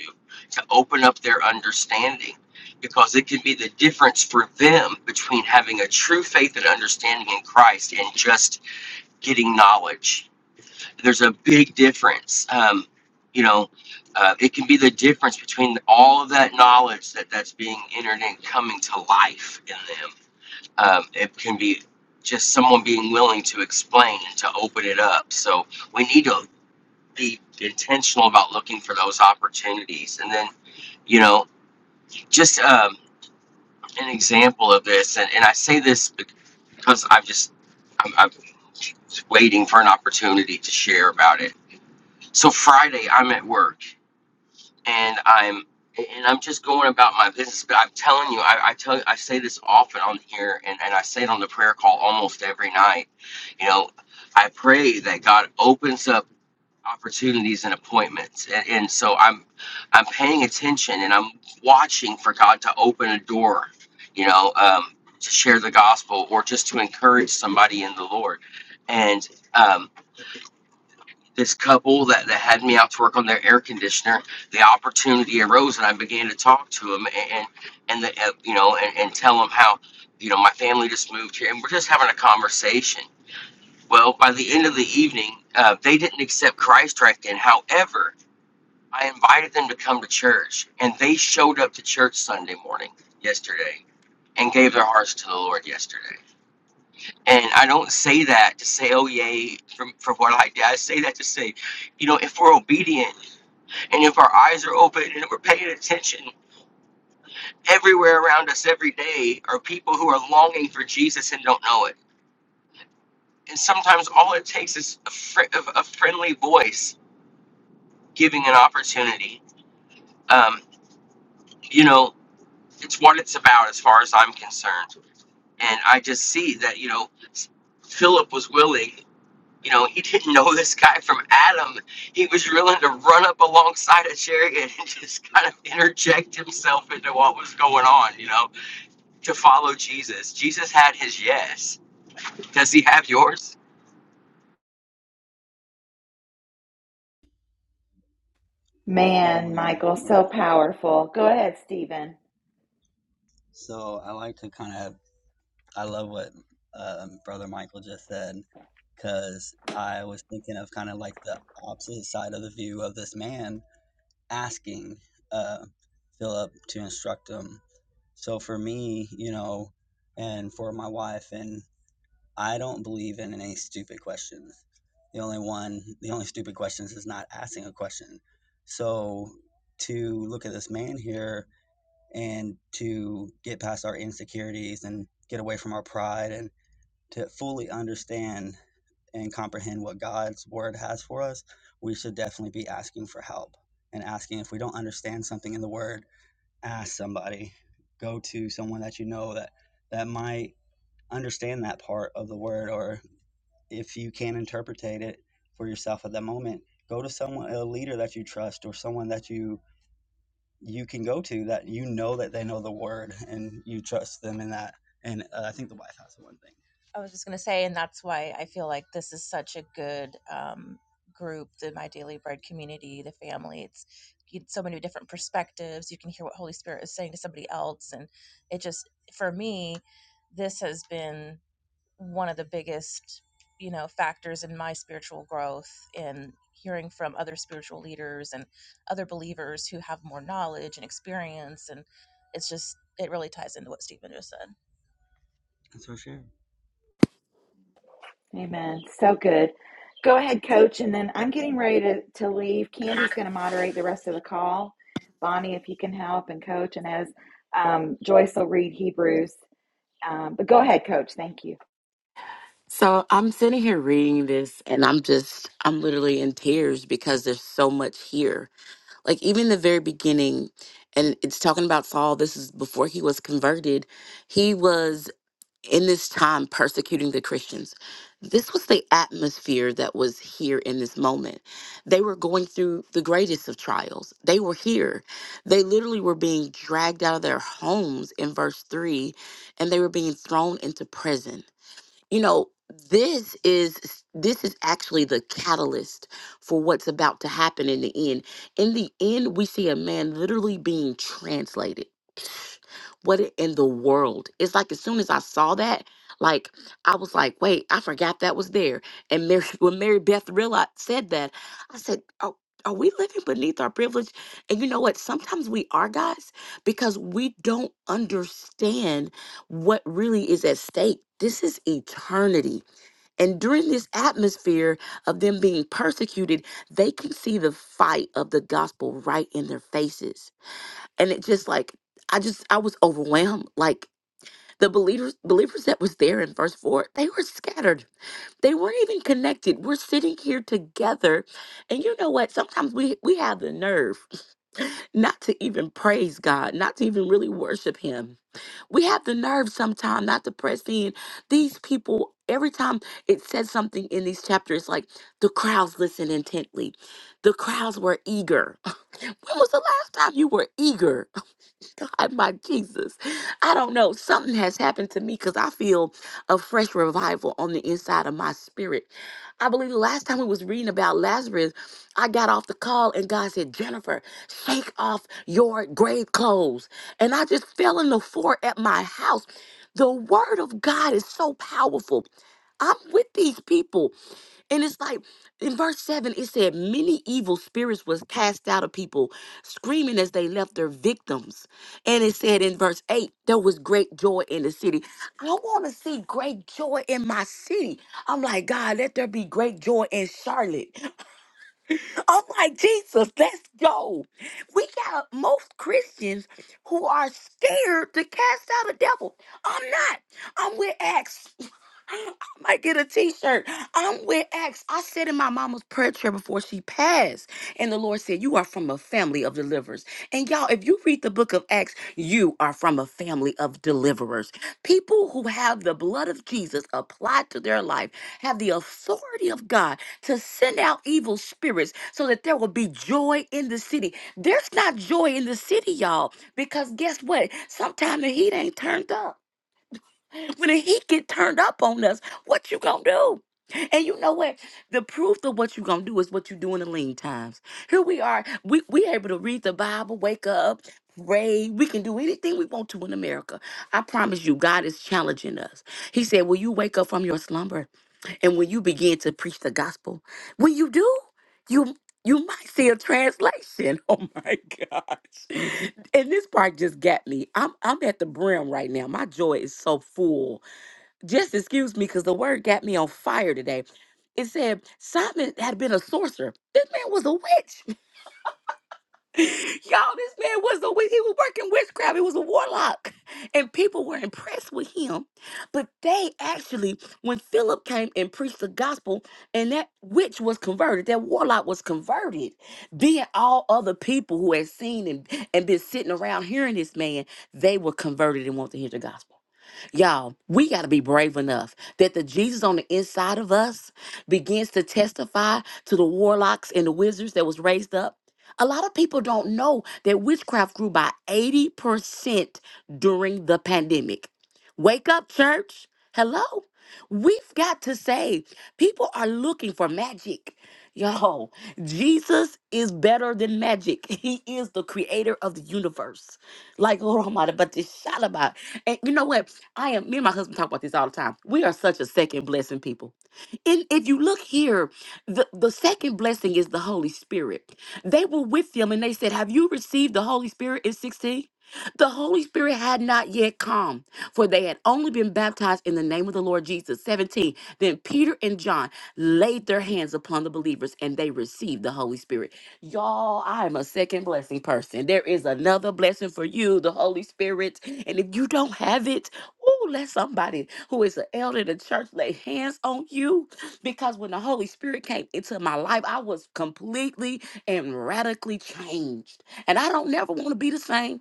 Speaker 3: to open up their understanding? Because it can be the difference for them between having a true faith and understanding in Christ and just getting knowledge. There's a big difference. Um, you know, uh, it can be the difference between all of that knowledge that that's being entered and coming to life in them um, it can be just someone being willing to explain to open it up so we need to be intentional about looking for those opportunities and then you know just um, an example of this and, and i say this bec- because i've just I'm, I'm just waiting for an opportunity to share about it so friday i'm at work and I'm and I'm just going about my business. But I'm telling you, I, I tell I say this often on here, and, and I say it on the prayer call almost every night. You know, I pray that God opens up opportunities and appointments, and, and so I'm I'm paying attention and I'm watching for God to open a door. You know, um, to share the gospel or just to encourage somebody in the Lord, and um, this couple that, that had me out to work on their air conditioner, the opportunity arose and I began to talk to them and, and, the, uh, you know, and, and tell them how, you know, my family just moved here and we're just having a conversation. Well, by the end of the evening, uh, they didn't accept Christ right then. However, I invited them to come to church and they showed up to church Sunday morning yesterday and gave their hearts to the Lord yesterday. And I don't say that to say, oh, yay, for, for what I did. I say that to say, you know, if we're obedient and if our eyes are open and we're paying attention, everywhere around us every day are people who are longing for Jesus and don't know it. And sometimes all it takes is a, fr- a friendly voice giving an opportunity. Um, you know, it's what it's about as far as I'm concerned. And I just see that, you know, Philip was willing. You know, he didn't know this guy from Adam. He was willing to run up alongside a chariot and just kind of interject himself into what was going on, you know to follow Jesus. Jesus had his yes. Does he have yours?
Speaker 7: Mm, Good
Speaker 1: Man,
Speaker 7: morning,
Speaker 1: Michael,
Speaker 7: Mary.
Speaker 1: so
Speaker 7: Beth.
Speaker 1: powerful. Go ahead, Stephen.
Speaker 7: So I like to kind of, I love what um, Brother Michael just said, because I was thinking of kind of like the opposite side of the view of this man asking uh, Philip to instruct him. So for me, you know, and for my wife, and I don't believe in any stupid questions. The only one, the only stupid questions is not asking a question. So to look at this man here and to get past our insecurities and get away from our pride and to fully understand and comprehend what God's word has for us, we should definitely be asking for help and asking if we don't understand something in the word, ask somebody, go to someone that you know that that might understand that part of the word or if you can not interpretate it for yourself at that moment, go to someone a leader that you trust or someone that you you can go to that you know that they know the word and you trust them in that. And uh, I think the White House is one thing. I was just going to say, and that's why I feel like this is such a good um, group, the My Daily Bread community, the family. It's you get so many different perspectives. You can hear what Holy Spirit is saying to somebody else, and it just for me, this has been one of the biggest you know factors in my spiritual growth in hearing from other spiritual leaders and other believers who have more knowledge and experience and it's just it really ties into what stephen just said That's for sure.
Speaker 1: Amen. So good. Go ahead, coach, and then I'm getting ready to, to leave. Candy's going to moderate the rest of the call. Bonnie, if you can help and coach, and as um, Joyce will read Hebrews Um, but go ahead, Coach. Thank you.
Speaker 6: So I'm sitting here reading this and I'm just, I'm literally in tears because there's so much here. Like even the very beginning, and it's talking about Saul, this is before he was converted. He was in this time persecuting the Christians. This was the atmosphere that was here in this moment. They were going through the greatest of trials. They were here. They literally were being dragged out of their homes in verse 3 and they were being thrown into prison. You know, this is this is actually the catalyst for what's about to happen in the end. In the end, we see a man literally being translated what in the world? It's like as soon as I saw that, like I was like, wait, I forgot that was there. And Mary, when Mary Beth realized said that, I said, oh. Are we living beneath our privilege? And you know what? Sometimes we are, guys, because we don't understand what really is at stake. This is eternity. And during this atmosphere of them being persecuted, they can see the fight of the gospel right in their faces and it just like i just i was overwhelmed like the believers believers that was there in verse 4 they were scattered they weren't even connected we're sitting here together and you know what sometimes we we have the nerve not to even praise god not to even really worship him we have the nerve sometimes not to press in these people every time it says something in these chapters like the crowds listened intently the crowds were eager when was the last time you were eager God, my Jesus. I don't know. Something has happened to me because I feel a fresh revival on the inside of my spirit. I believe the last time we was reading about Lazarus, I got off the call and God said, Jennifer, shake off your grave clothes. And I just fell on the floor at my house. The word of God is so powerful. I'm with these people. And it's like in verse 7, it said, Many evil spirits was cast out of people, screaming as they left their victims. And it said in verse 8, there was great joy in the city. I want to see great joy in my city. I'm like, God, let there be great joy in Charlotte. I'm like, Jesus, let's go. We got most Christians who are scared to cast out a devil. I'm not. I'm with Acts I might get a t-shirt. I'm with X. I said in my mama's prayer chair before she passed. And the Lord said, You are from a family of deliverers. And y'all, if you read the book of Acts, you are from a family of deliverers. People who have the blood of Jesus applied to their life have the authority of God to send out evil spirits so that there will be joy in the city. There's not joy in the city, y'all, because guess what? Sometimes the heat ain't turned up. When the heat get turned up on us, what you gonna do? And you know what? The proof of what you gonna do is what you do in the lean times. Here we are. We we able to read the Bible, wake up, pray. We can do anything we want to in America. I promise you, God is challenging us. He said, Will you wake up from your slumber? And when you begin to preach the gospel, when you do, you you might see a translation. Oh my gosh. And this part just got me. I'm I'm at the brim right now. My joy is so full. Just excuse me, because the word got me on fire today. It said Simon had been a sorcerer. This man was a witch. Y'all, this man was a wi- he was working witchcraft. He was a warlock, and people were impressed with him. But they actually, when Philip came and preached the gospel, and that witch was converted, that warlock was converted. Then all other people who had seen him and been sitting around hearing this man, they were converted and wanted to hear the gospel. Y'all, we got to be brave enough that the Jesus on the inside of us begins to testify to the warlocks and the wizards that was raised up. A lot of people don't know that witchcraft grew by 80% during the pandemic. Wake up, church. Hello. We've got to say, people are looking for magic. Yo, Jesus is better than magic. He is the creator of the universe. Like, oh, my, but this shot about. And you know what? I am me and my husband talk about this all the time. We are such a second blessing people. And if you look here, the, the second blessing is the Holy Spirit. They were with them and they said, Have you received the Holy Spirit in 16? The Holy Spirit had not yet come, for they had only been baptized in the name of the Lord Jesus. 17. Then Peter and John laid their hands upon the believers and they received the Holy Spirit. Y'all, I am a second blessing person. There is another blessing for you, the Holy Spirit. And if you don't have it, Oh, let somebody who is an elder in the church lay hands on you because when the Holy Spirit came into my life, I was completely and radically changed. And I don't never want to be the same.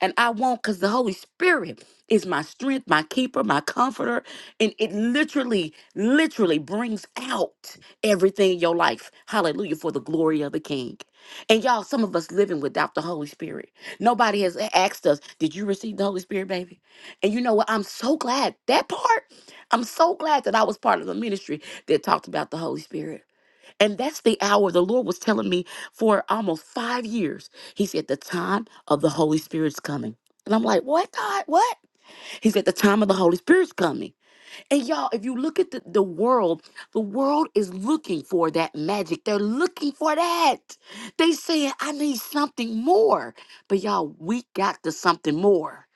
Speaker 6: And I won't because the Holy Spirit is my strength, my keeper, my comforter. And it literally, literally brings out everything in your life. Hallelujah for the glory of the King. And y'all, some of us living without the Holy Spirit. Nobody has asked us, Did you receive the Holy Spirit, baby? And you know what? I'm so glad that part. I'm so glad that I was part of the ministry that talked about the Holy Spirit. And that's the hour the Lord was telling me for almost five years. He said, The time of the Holy Spirit's coming. And I'm like, What, God? What? He said, The time of the Holy Spirit's coming. And y'all, if you look at the, the world, the world is looking for that magic. They're looking for that. They saying, I need something more. But y'all, we got the something more.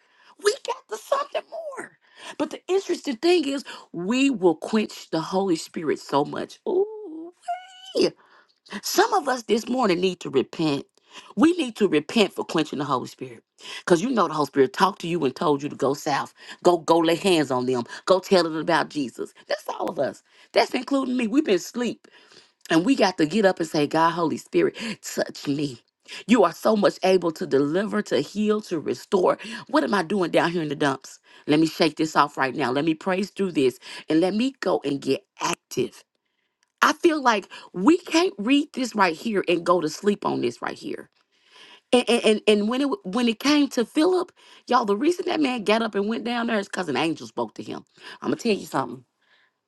Speaker 6: We got the something more. But the interesting thing is, we will quench the Holy Spirit so much. Ooh, some of us this morning need to repent. We need to repent for quenching the Holy Spirit. Because you know the Holy Spirit talked to you and told you to go south. Go go lay hands on them. Go tell them about Jesus. That's all of us. That's including me. We've been asleep. And we got to get up and say, God, Holy Spirit, touch me. You are so much able to deliver, to heal, to restore. What am I doing down here in the dumps? Let me shake this off right now. Let me praise through this and let me go and get active I feel like we can't read this right here and go to sleep on this right here. And and and, and when it w- when it came to Philip, y'all, the reason that man got up and went down there is because an angel spoke to him. I'm gonna tell you something.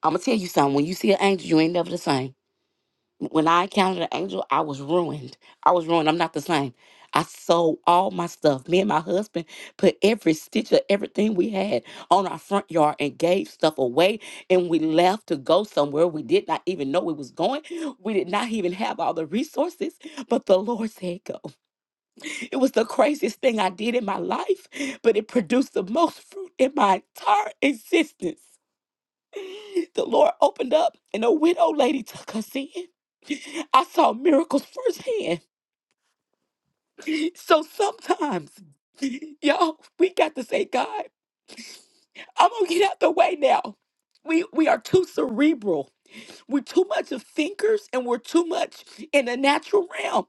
Speaker 6: I'm gonna tell you something. When you see an angel, you ain't never the same. When I encountered an angel, I was ruined. I was ruined. I'm not the same. I sold all my stuff. Me and my husband put every stitch of everything we had on our front yard and gave stuff away. And we left to go somewhere we did not even know we was going. We did not even have all the resources, but the Lord said, Go. It was the craziest thing I did in my life, but it produced the most fruit in my entire existence. The Lord opened up and a widow lady took us in. I saw miracles firsthand. So sometimes, y'all, we got to say, God, I'm gonna get out the way now. We we are too cerebral. We're too much of thinkers and we're too much in the natural realm.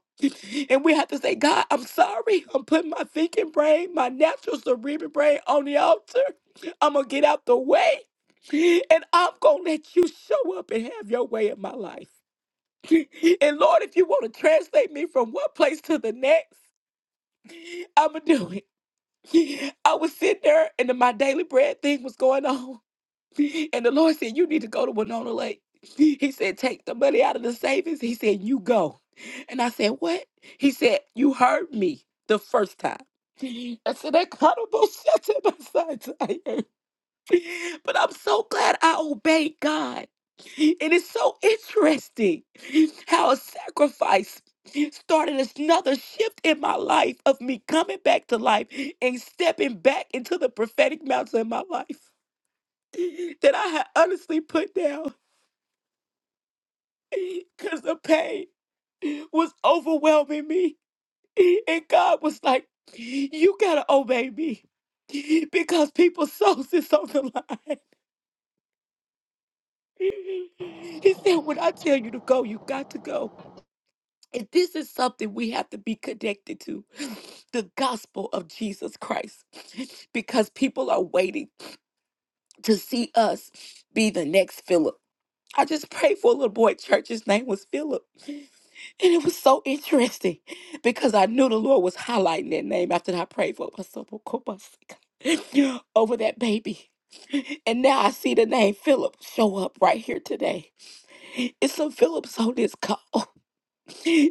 Speaker 6: And we have to say, God, I'm sorry. I'm putting my thinking brain, my natural cerebral brain on the altar. I'm going to get out the way. And I'm going to let you show up and have your way in my life. And Lord, if you want to translate me from one place to the next, I'm going to do it. I was sitting there and then my daily bread thing was going on. And the Lord said, You need to go to Winona Lake. He said, Take the money out of the savings. He said, You go. And I said, What? He said, You heard me the first time. I said, That kind of bullshit in my side. But I'm so glad I obeyed God. It is so interesting how a sacrifice started another shift in my life of me coming back to life and stepping back into the prophetic mountain in my life. that I had honestly put down because the pain was overwhelming me. And God was like, You gotta obey me because people's souls is on the line. He said, When I tell you to go, you got to go. And this is something we have to be connected to the gospel of Jesus Christ because people are waiting to see us be the next Philip. I just prayed for a little boy, at church. His name was Philip. And it was so interesting because I knew the Lord was highlighting that name after I prayed for Pastor Bokobasika over that baby. And now I see the name Philip show up right here today. It's some Philips on this call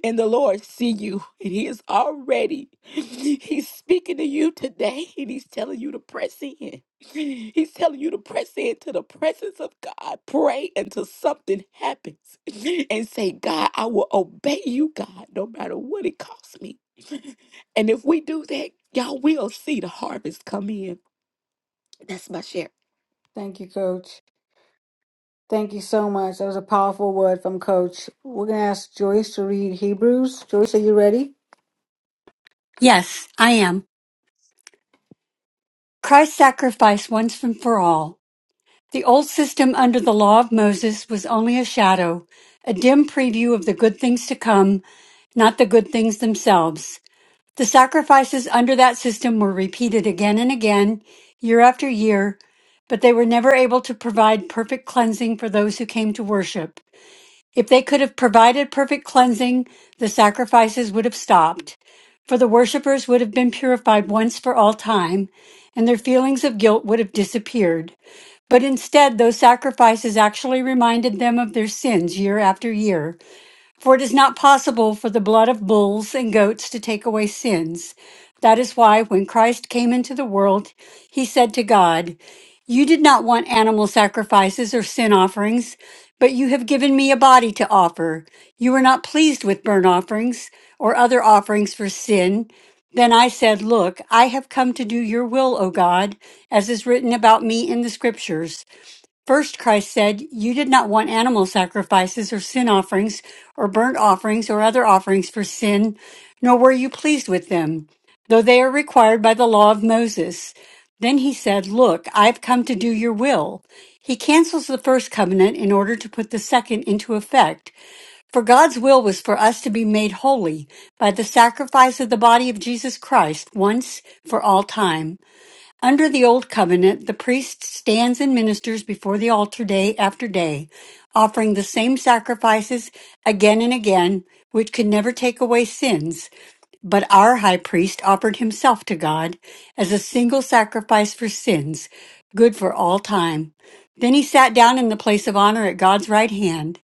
Speaker 6: and the Lord see you. And He is already, He's speaking to you today, and He's telling you to press in. He's telling you to press into the presence of God. Pray until something happens and say, God, I will obey you, God, no matter what it costs me. And if we do that, y'all will see the harvest come in. That's my share.
Speaker 4: Thank you, coach. Thank you so much. That was a powerful word from Coach. We're going to ask Joyce to read Hebrews. Joyce, are you ready?
Speaker 8: Yes, I am. Christ's sacrifice once and for all. The old system under the law of Moses was only a shadow, a dim preview of the good things to come, not the good things themselves. The sacrifices under that system were repeated again and again, year after year, but they were never able to provide perfect cleansing for those who came to worship. If they could have provided perfect cleansing, the sacrifices would have stopped, for the worshippers would have been purified once for all time, and their feelings of guilt would have disappeared. But instead, those sacrifices actually reminded them of their sins year after year. For it is not possible for the blood of bulls and goats to take away sins. That is why, when Christ came into the world, he said to God, You did not want animal sacrifices or sin offerings, but you have given me a body to offer. You were not pleased with burnt offerings or other offerings for sin. Then I said, Look, I have come to do your will, O God, as is written about me in the scriptures. First, Christ said, You did not want animal sacrifices or sin offerings or burnt offerings or other offerings for sin, nor were you pleased with them, though they are required by the law of Moses. Then he said, Look, I've come to do your will. He cancels the first covenant in order to put the second into effect. For God's will was for us to be made holy by the sacrifice of the body of Jesus Christ once for all time. Under the Old Covenant, the priest stands and ministers before the altar day after day, offering the same sacrifices again and again, which could never take away sins. But our high priest offered himself to God as a single sacrifice for sins, good for all time. Then he sat down in the place of honor at God's right hand.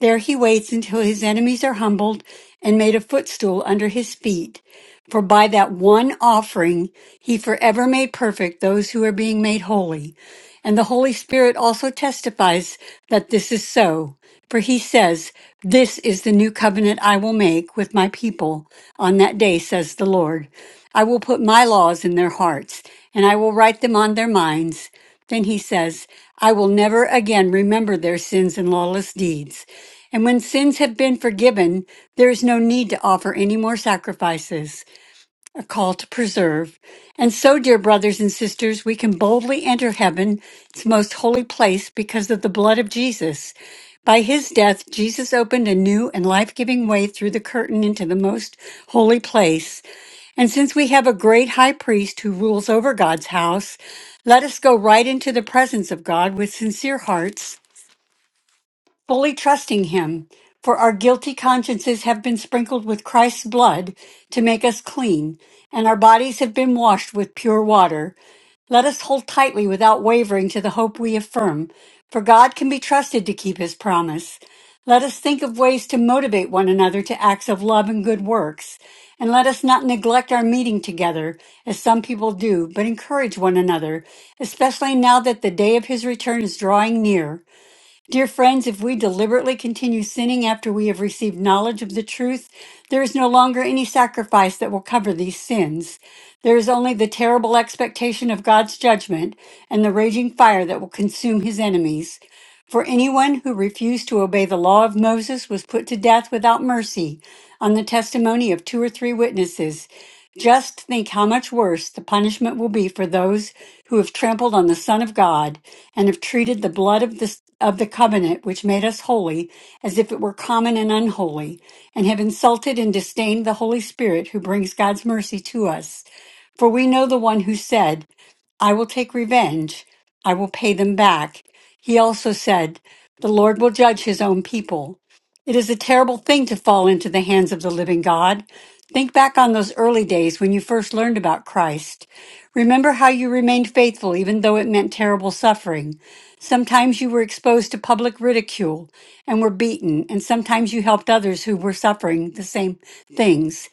Speaker 8: There he waits until his enemies are humbled and made a footstool under his feet. For by that one offering, he forever made perfect those who are being made holy. And the Holy Spirit also testifies that this is so. For he says, This is the new covenant I will make with my people on that day, says the Lord. I will put my laws in their hearts, and I will write them on their minds. Then he says, I will never again remember their sins and lawless deeds. And when sins have been forgiven, there is no need to offer any more sacrifices, a call to preserve. And so, dear brothers and sisters, we can boldly enter heaven, its most holy place, because of the blood of Jesus. By his death, Jesus opened a new and life giving way through the curtain into the most holy place. And since we have a great high priest who rules over God's house, let us go right into the presence of God with sincere hearts, fully trusting him. For our guilty consciences have been sprinkled with Christ's blood to make us clean, and our bodies have been washed with pure water. Let us hold tightly without wavering to the hope we affirm, for God can be trusted to keep his promise. Let us think of ways to motivate one another to acts of love and good works. And let us not neglect our meeting together, as some people do, but encourage one another, especially now that the day of his return is drawing near. Dear friends, if we deliberately continue sinning after we have received knowledge of the truth, there is no longer any sacrifice that will cover these sins. There is only the terrible expectation of God's judgment and the raging fire that will consume his enemies. For anyone who refused to obey the law of Moses was put to death without mercy on the testimony of two or three witnesses. Just think how much worse the punishment will be for those who have trampled on the Son of God and have treated the blood of the, of the covenant which made us holy as if it were common and unholy, and have insulted and disdained the Holy Spirit who brings God's mercy to us. For we know the one who said, I will take revenge. I will pay them back. He also said, The Lord will judge his own people. It is a terrible thing to fall into the hands of the living God. Think back on those early days when you first learned about Christ. Remember how you remained faithful even though it meant terrible suffering. Sometimes you were exposed to public ridicule and were beaten, and sometimes you helped others who were suffering the same things.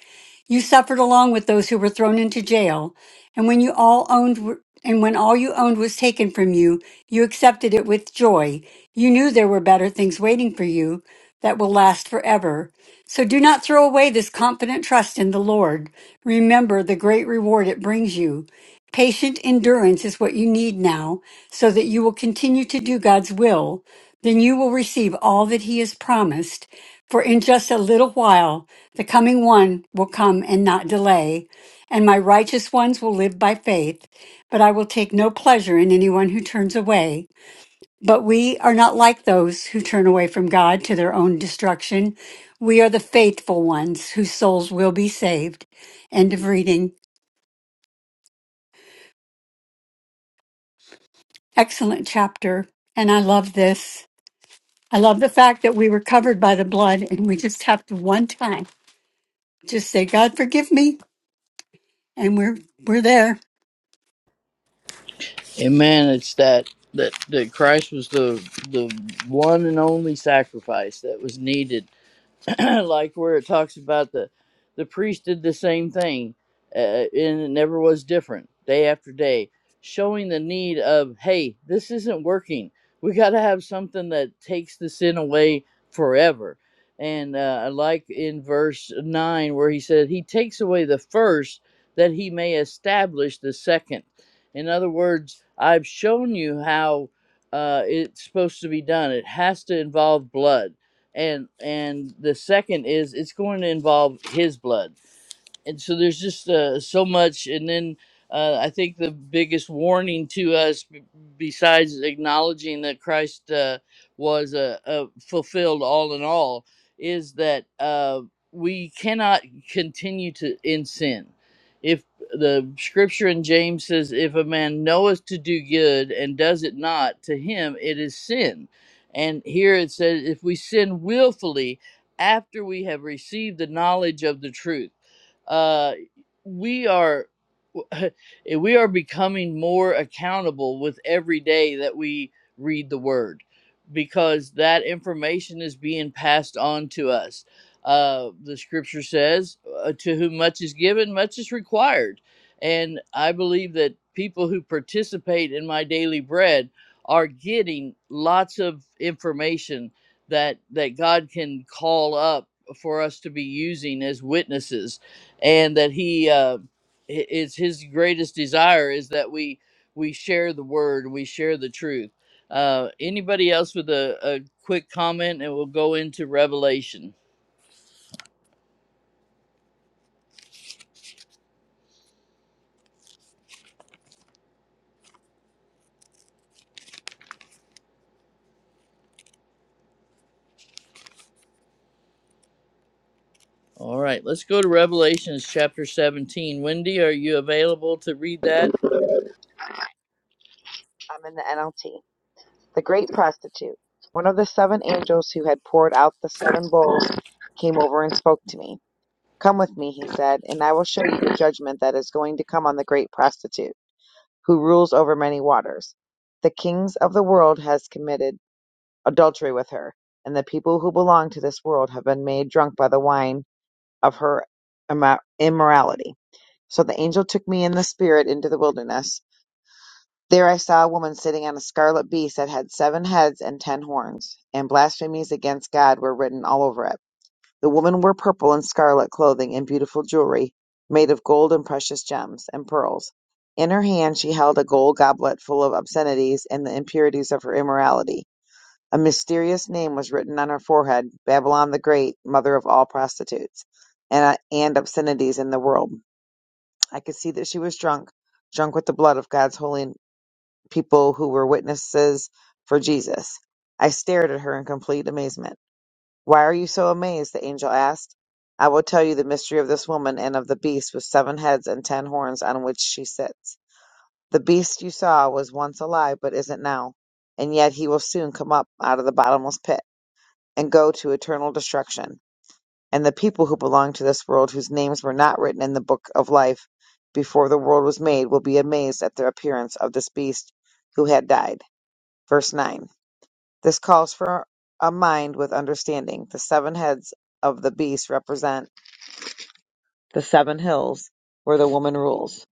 Speaker 8: You suffered along with those who were thrown into jail, and when you all owned and when all you owned was taken from you, you accepted it with joy. You knew there were better things waiting for you that will last forever. So do not throw away this confident trust in the Lord. Remember the great reward it brings you. Patient endurance is what you need now so that you will continue to do God's will. Then you will receive all that He has promised. For in just a little while the coming one will come and not delay, and my righteous ones will live by faith, but I will take no pleasure in anyone who turns away. But we are not like those who turn away from God to their own destruction. We are the faithful ones whose souls will be saved. End of reading. Excellent chapter. And I love this. I love the fact that we were covered by the blood and we just have to one time just say, God, forgive me. And we're, we're there.
Speaker 5: Amen. It's that that that Christ was the the one and only sacrifice that was needed like where it talks about the the priest did the same thing uh, and it never was different day after day showing the need of hey this isn't working we got to have something that takes the sin away forever and uh, I like in verse 9 where he said he takes away the first that he may establish the second in other words i've shown you how uh, it's supposed to be done it has to involve blood and and the second is it's going to involve his blood and so there's just uh, so much and then uh, i think the biggest warning to us b- besides acknowledging that christ uh, was uh, uh, fulfilled all in all is that uh, we cannot continue to in sin if the scripture in james says if a man knoweth to do good and does it not to him it is sin and here it says if we sin willfully after we have received the knowledge of the truth uh, we are we are becoming more accountable with every day that we read the word because that information is being passed on to us uh, the scripture says uh, to whom much is given much is required and i believe that people who participate in my daily bread are getting lots of information that that god can call up for us to be using as witnesses and that he uh, i- is his greatest desire is that we we share the word we share the truth uh, anybody else with a, a quick comment and we'll go into revelation all right let's go to revelations chapter 17 wendy are you available to read that
Speaker 9: I'm in the NLT. The great prostitute, one of the seven angels who had poured out the seven bowls, came over and spoke to me. Come with me, he said, and I will show you the judgment that is going to come on the great prostitute, who rules over many waters. The kings of the world has committed adultery with her, and the people who belong to this world have been made drunk by the wine of her immorality. So the angel took me in the spirit into the wilderness there I saw a woman sitting on a scarlet beast that had seven heads and ten horns, and blasphemies against God were written all over it. The women wore purple and scarlet clothing and beautiful jewelry, made of gold and precious gems and pearls. In her hand she held a gold goblet full of obscenities and the impurities of her immorality. A mysterious name was written on her forehead, Babylon the Great, mother of all prostitutes, and, uh, and obscenities in the world. I could see that she was drunk, drunk with the blood of God's holy people who were witnesses for Jesus. I stared at her in complete amazement. Why are you so amazed? the angel asked. I will tell you the mystery of this woman and of the beast with seven heads and ten horns on which she sits. The beast you saw was once alive but isn't now, and yet he will soon come up out of the bottomless pit and go to eternal destruction. And the people who belong to this world, whose names were not written in the book of life before the world was made, will be amazed at the appearance of this beast who had died. Verse 9 This calls for a mind with understanding. The seven heads of the beast represent the seven hills where the woman rules.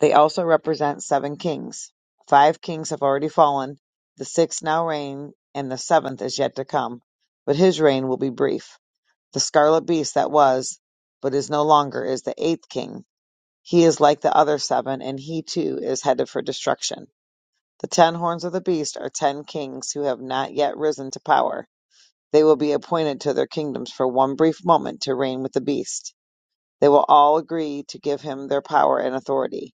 Speaker 9: They also represent seven kings. Five kings have already fallen, the sixth now reign, and the seventh is yet to come. But his reign will be brief. The scarlet beast that was, but is no longer, is the eighth king. He is like the other seven, and he too is headed for destruction. The ten horns of the beast are ten kings who have not yet risen to power They will be appointed to their kingdoms for one brief moment to reign with the beast. They will all agree to give him their power and authority.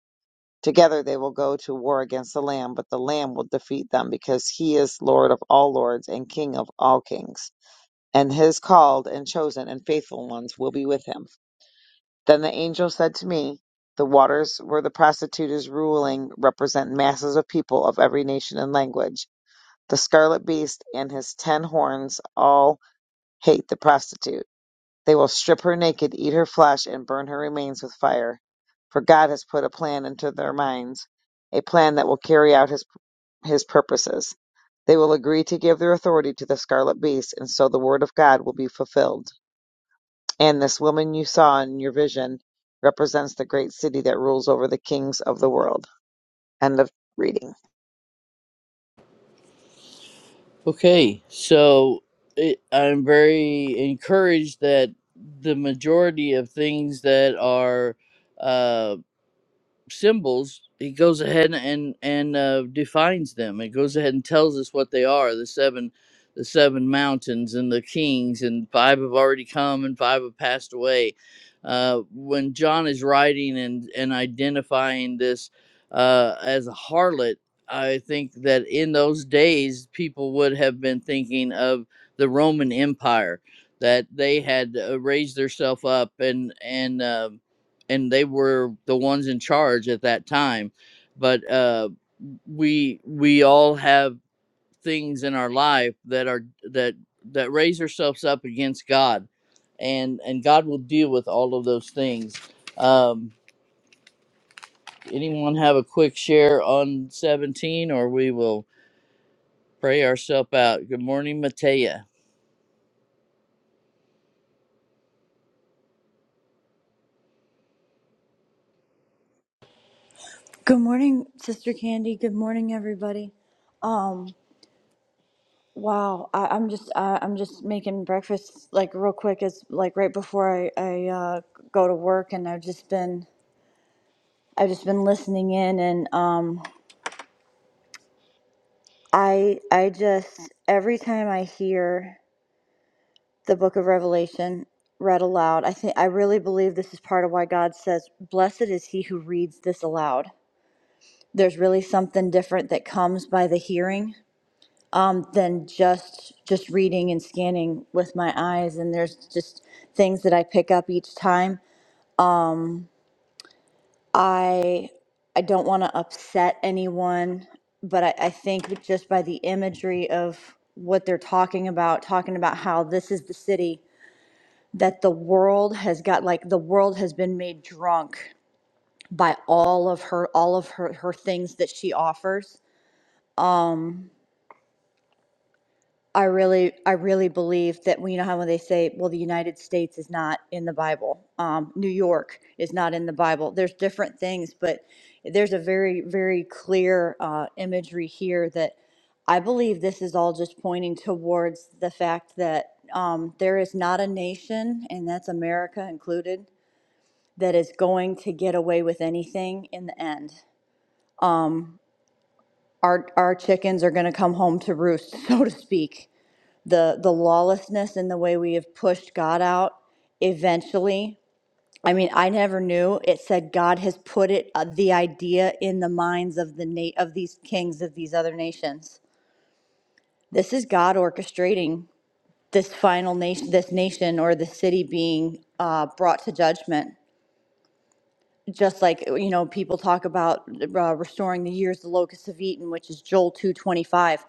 Speaker 9: Together they will go to war against the Lamb, but the Lamb will defeat them because he is Lord of all lords and King of all kings. And his called and chosen and faithful ones will be with him. Then the angel said to me, The waters where the prostitute is ruling represent masses of people of every nation and language. The scarlet beast and his ten horns all hate the prostitute They will strip her naked, eat her flesh, and burn her remains with fire. For God has put a plan into their minds, a plan that will carry out his, his purposes. They will agree to give their authority to the scarlet beast, and so the word of God will be fulfilled. And this woman you saw in your vision represents the great city that rules over the kings of the world. End of reading.
Speaker 5: okay so it, i'm very encouraged that the majority of things that are symbols he goes ahead and and uh, defines them it goes ahead and tells us what they are the seven the seven mountains and the kings and five have already come and five have passed away uh, when john is writing and and identifying this uh, as a harlot i think that in those days people would have been thinking of the roman empire that they had uh, raised themselves up and and um and they were the ones in charge at that time but uh we we all have things in our life that are that that raise ourselves up against god and and god will deal with all of those things um anyone have a quick share on 17 or we will pray ourselves out good morning matea
Speaker 10: Good morning, Sister Candy. Good morning, everybody. Um, wow, I, I'm just uh, I'm just making breakfast like real quick. It's like right before I I uh, go to work, and I've just been I've just been listening in, and um, I I just every time I hear the Book of Revelation read aloud, I think I really believe this is part of why God says, "Blessed is he who reads this aloud." There's really something different that comes by the hearing um, than just just reading and scanning with my eyes. And there's just things that I pick up each time. Um, I I don't want to upset anyone, but I, I think just by the imagery of what they're talking about, talking about how this is the city that the world has got, like the world has been made drunk by all of her all of her her things that she offers. Um, I really, I really believe that well, you know how when they say, "Well, the United States is not in the Bible," um, New York is not in the Bible. There's different things, but there's a very, very clear uh, imagery here that I believe this is all just pointing towards the fact that um, there is not a nation, and that's America included, that is going to get away with anything in the end. Our our chickens are going to come home to roost, so to speak. the the lawlessness and the way we have pushed God out eventually I mean I never knew it said God has put it uh, the idea in the minds of the na- of these kings of these other nations this is God orchestrating this final nation this nation or the city being uh, brought to judgment just like uh, you know people talk about uh, restoring the years the locusts have eaten which is joel 225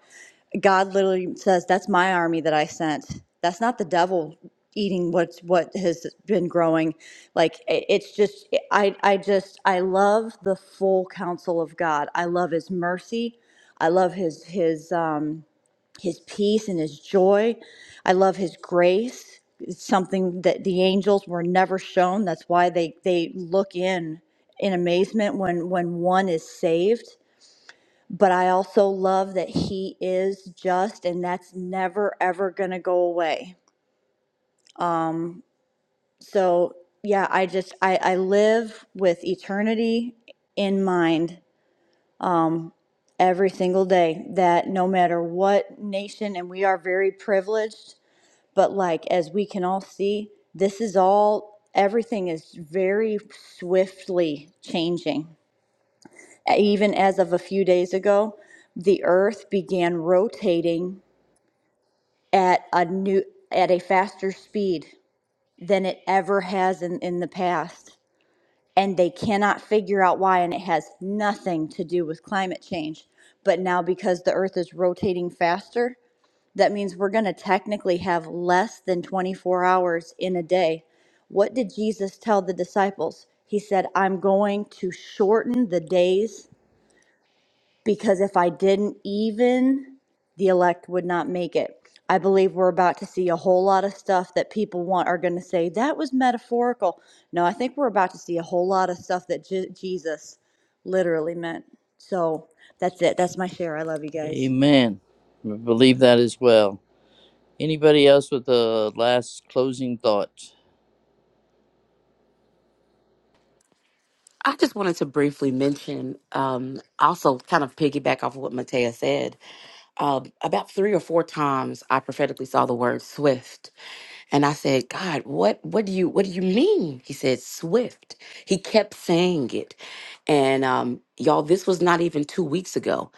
Speaker 10: god literally says that's my army that i sent that's not the devil eating what's what has been growing like i- it's just i i just i love the full counsel of god i love his mercy i love his his um his peace and his joy. I love his grace. It's something that the angels were never shown. That's why they they look in in amazement when when one is saved. But I also love that he is just and that's never ever going to go away. So, yeah, I just I I live with eternity in mind every single day that no matter what nation and we are very privileged But like as we can all see, this is all everything is very swiftly changing. Even as of a few days ago, the earth began rotating at a new at a faster speed than it ever has in, in the past. And they cannot figure out why, and it has nothing to do with climate change. But now, because the earth is rotating faster, That means we're going to technically have less than 24 hours in a day. What did Jesus tell the disciples? He said, I'm going to shorten the days because if I didn't, even the elect would not make it. I believe we're about to see a whole lot of stuff that people want are going to say that was metaphorical. No, I think we're about to see a whole lot of stuff that Je- Jesus literally meant. So that's it. That's my share. I love you guys.
Speaker 5: amen we believe that as well anybody else with a last closing thought
Speaker 6: I just wanted to briefly mention, um, also kind of piggyback off of what Matea said. uh, about three or four times I prophetically saw the word swift, and I said, "God, what what do you what do you mean?" He said, "Swift." He kept saying it, and um, y'all, this was not even two weeks ago,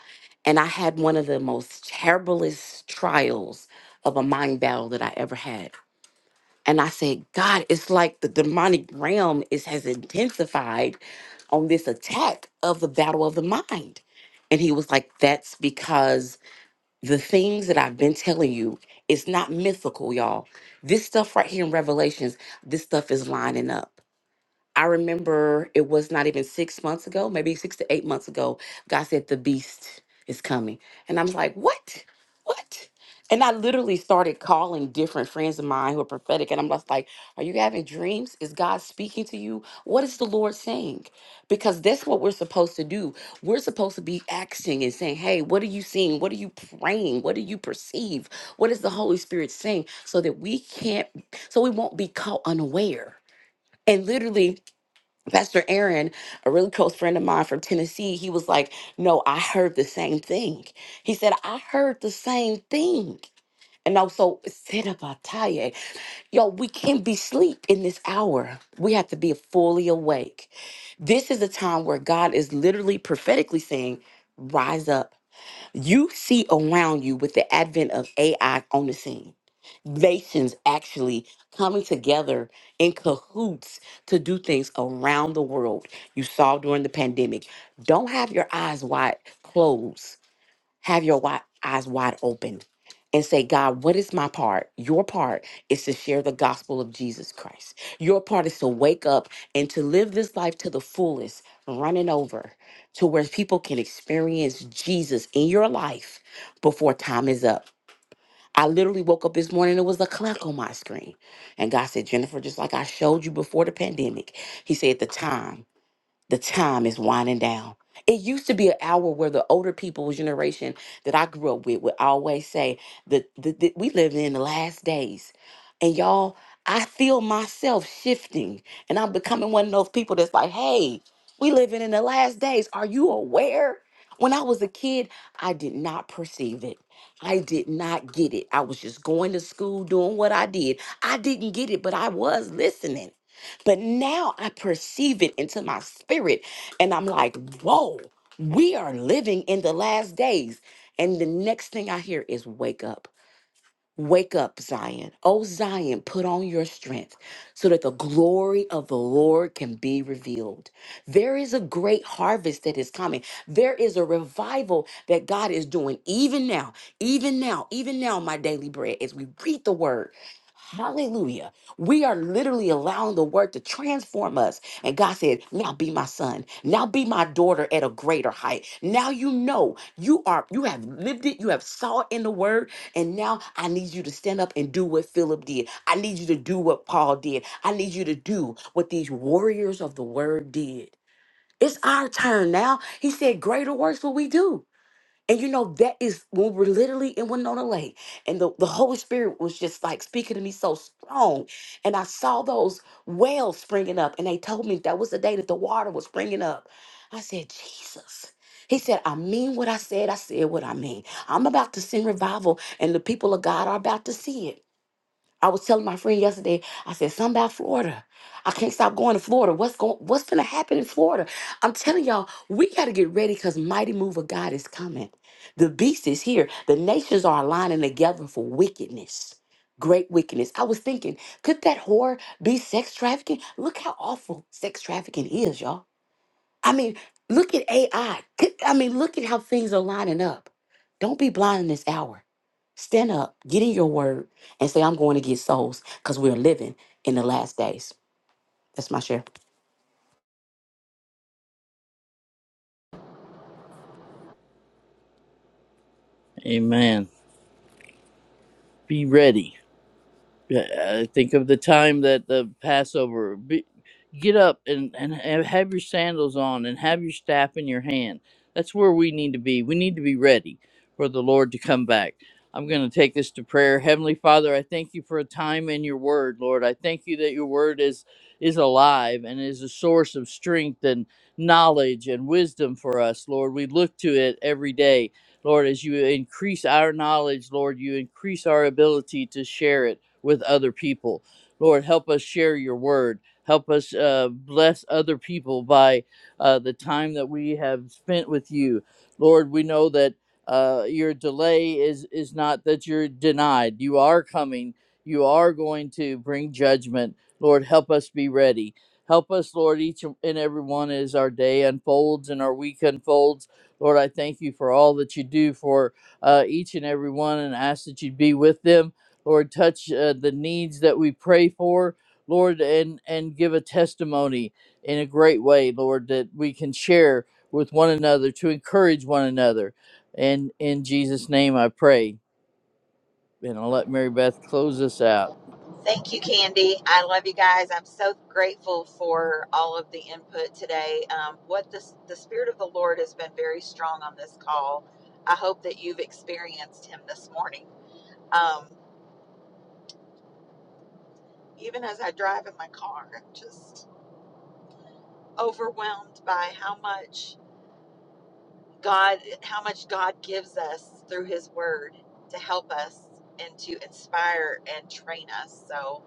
Speaker 6: and I had one of the most terriblest trials of a mind battle that I ever had. And I said, God, it's like the demonic realm is has intensified on this attack of the battle of the mind. And he was like, That's because the things that I've been telling you, it's not mythical, y'all. This stuff right here in Revelations, this stuff is lining up. I remember it was not even six months ago, maybe six to eight months ago. God said, The beast is coming. And I'm like, What? What? And I literally started calling different friends of mine who are prophetic. And I'm just like, Are you having dreams? Is God speaking to you? What is the Lord saying? Because that's what we're supposed to do. We're supposed to be acting and saying, Hey, what are you seeing? What are you praying? What do you perceive? What is the Holy Spirit saying? So that we can't, so we won't be caught unaware. And literally, Pastor Aaron, a really close friend of mine from Tennessee, he was like, No, I heard the same thing. He said, I heard the same thing. And also said about Taye, yo, we can't be sleep in this hour. We have to be fully awake. This is a time where God is literally prophetically saying, Rise up you see around you with the advent of AI on the scene, nations actually coming together in cahoots to do things around the world. You saw during the pandemic. Don't have your eyes wide closed have your wi- eyes wide open and say, God, what is my part? Your part is to share the gospel of Jesus Christ. Your part is to wake up and to live this life to the fullest, running over to where people can experience Jesus in your life before time is up. I literally woke up this morning, and it was the clock on my screen. And God said, Jennifer, just like I showed you before the pandemic, He said, the time the time is winding down. It used to be an hour where the older people's generation that I grew up with would always say that, that, that we live in the last days. And y'all, I feel myself shifting and I'm becoming one of those people that's like, hey, we living in the last days. Are you aware? When I was a kid, I did not perceive it. I did not get it. I was just going to school, doing what I did. I didn't get it, but I was listening. But now I perceive it into my spirit, and I'm like, whoa, we are living in the last days. And the next thing I hear is, wake up. Wake up, Zion. Oh, Zion, put on your strength so that the glory of the Lord can be revealed. There is a great harvest that is coming. There is a revival that God is doing even now, even now, even now, my daily bread, as we read the word Hallelujah. We are literally allowing the word to transform us. And God said, Now be my son. Now be my daughter at a greater height. Now you know you are, you have lived it, you have saw it in the word. And now I need you to stand up and do what Philip did. I need you to do what Paul did. I need you to do what these warriors of the word did. It's our turn now. He said, Greater works will we do. And you know, that is when we're literally in Winona Lake, and the, the Holy Spirit was just like speaking to me so strong. And I saw those wells springing up, and they told me that was the day that the water was springing up. I said, Jesus. He said, I mean what I said. I said what I mean. I'm about to send revival, and the people of God are about to see it. I was telling my friend yesterday, I said, something about Florida. I can't stop going to Florida. What's going what's gonna happen in Florida? I'm telling y'all, we gotta get ready because mighty move of God is coming. The beast is here. The nations are aligning together for wickedness. Great wickedness. I was thinking, could that whore be sex trafficking? Look how awful sex trafficking is, y'all. I mean, look at AI. Could- I mean, look at how things are lining up. Don't be blind in this hour. Stand up, get in your word, and say, I'm going to get souls because we're living in the last days. That's my share.
Speaker 5: amen be ready Yeah, I think of the time that the Passover. Be, get up and, and ha- have your sandals on and have your staff in your hand. That's where we need to be. We need to be ready for the Lord to come back. I'm going to take this to prayer. Heavenly Father, I thank you for a time in your word, Lord. I thank you that your word is is alive and is a source of strength and knowledge and wisdom for us, Lord. We look to it every day. Lord, as you increase our knowledge, Lord, you increase our ability to share it with other people. Lord, help us share your word. Help us uh, bless other people by uh, the time that we have spent with you. Lord, we know that uh, your delay is, is not that you're denied. You are coming, you are going to bring judgment. Lord, help us be ready. Help us, Lord, each and every one as our day unfolds and our week unfolds. Lord, I thank you for all that you do for uh, each and every one and ask that you be with them Lord, touch uh, the needs that we pray for, Lord, and and give a testimony in a great way, Lord, that we can share with one another to encourage one another. And in Jesus' name, I pray. And I'll let Mary Beth close us out.
Speaker 1: Thank you, Candy. I love you guys. I'm so grateful for all of the input today. Um, what the, the Spirit of the Lord has been very strong on this call. I hope that you've experienced Him this morning. Um, even as I drive in my car, I'm just overwhelmed by how much God, how much God gives us through His Word to help us and to inspire and train us. So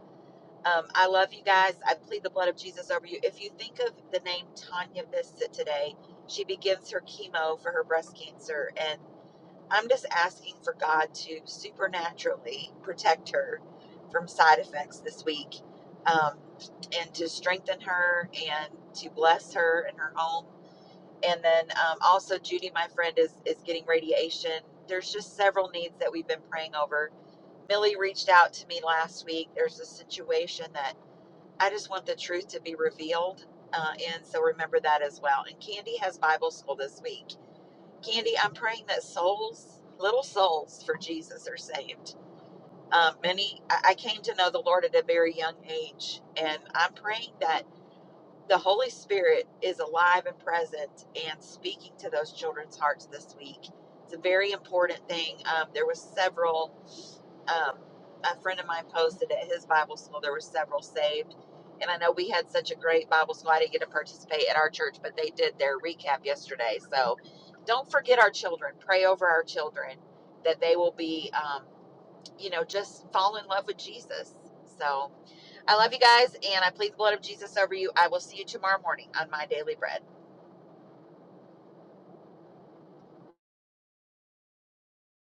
Speaker 1: Um, I love you guys. I plead the blood of Jesus over you. If you think of the name Tanya Bissett today, she begins her chemo for her breast cancer. And I'm just asking for God to supernaturally protect her from side effects this week um, and to strengthen her and to bless her and her home. And then um, also, Judy, my friend, is, is getting radiation. There's just several needs that we've been praying over. Millie Routenut, I just told uh, in school this week. Candace um, action and that the Spirit is alive and present and speaking to those children's hearts this week. It's a very important thing. Um, there was several. Um, a friend of mine posted at his Bible school. There were several saved, and I know we had such a great Bible school. I didn't get to participate at our church, but they did their recap yesterday. So, don't forget our children. Pray over our children that they will be, um, you know, just fall in love with Jesus. So. I love you guys, and I plead the blood of Jesus over you. I will see you tomorrow morning, Fred.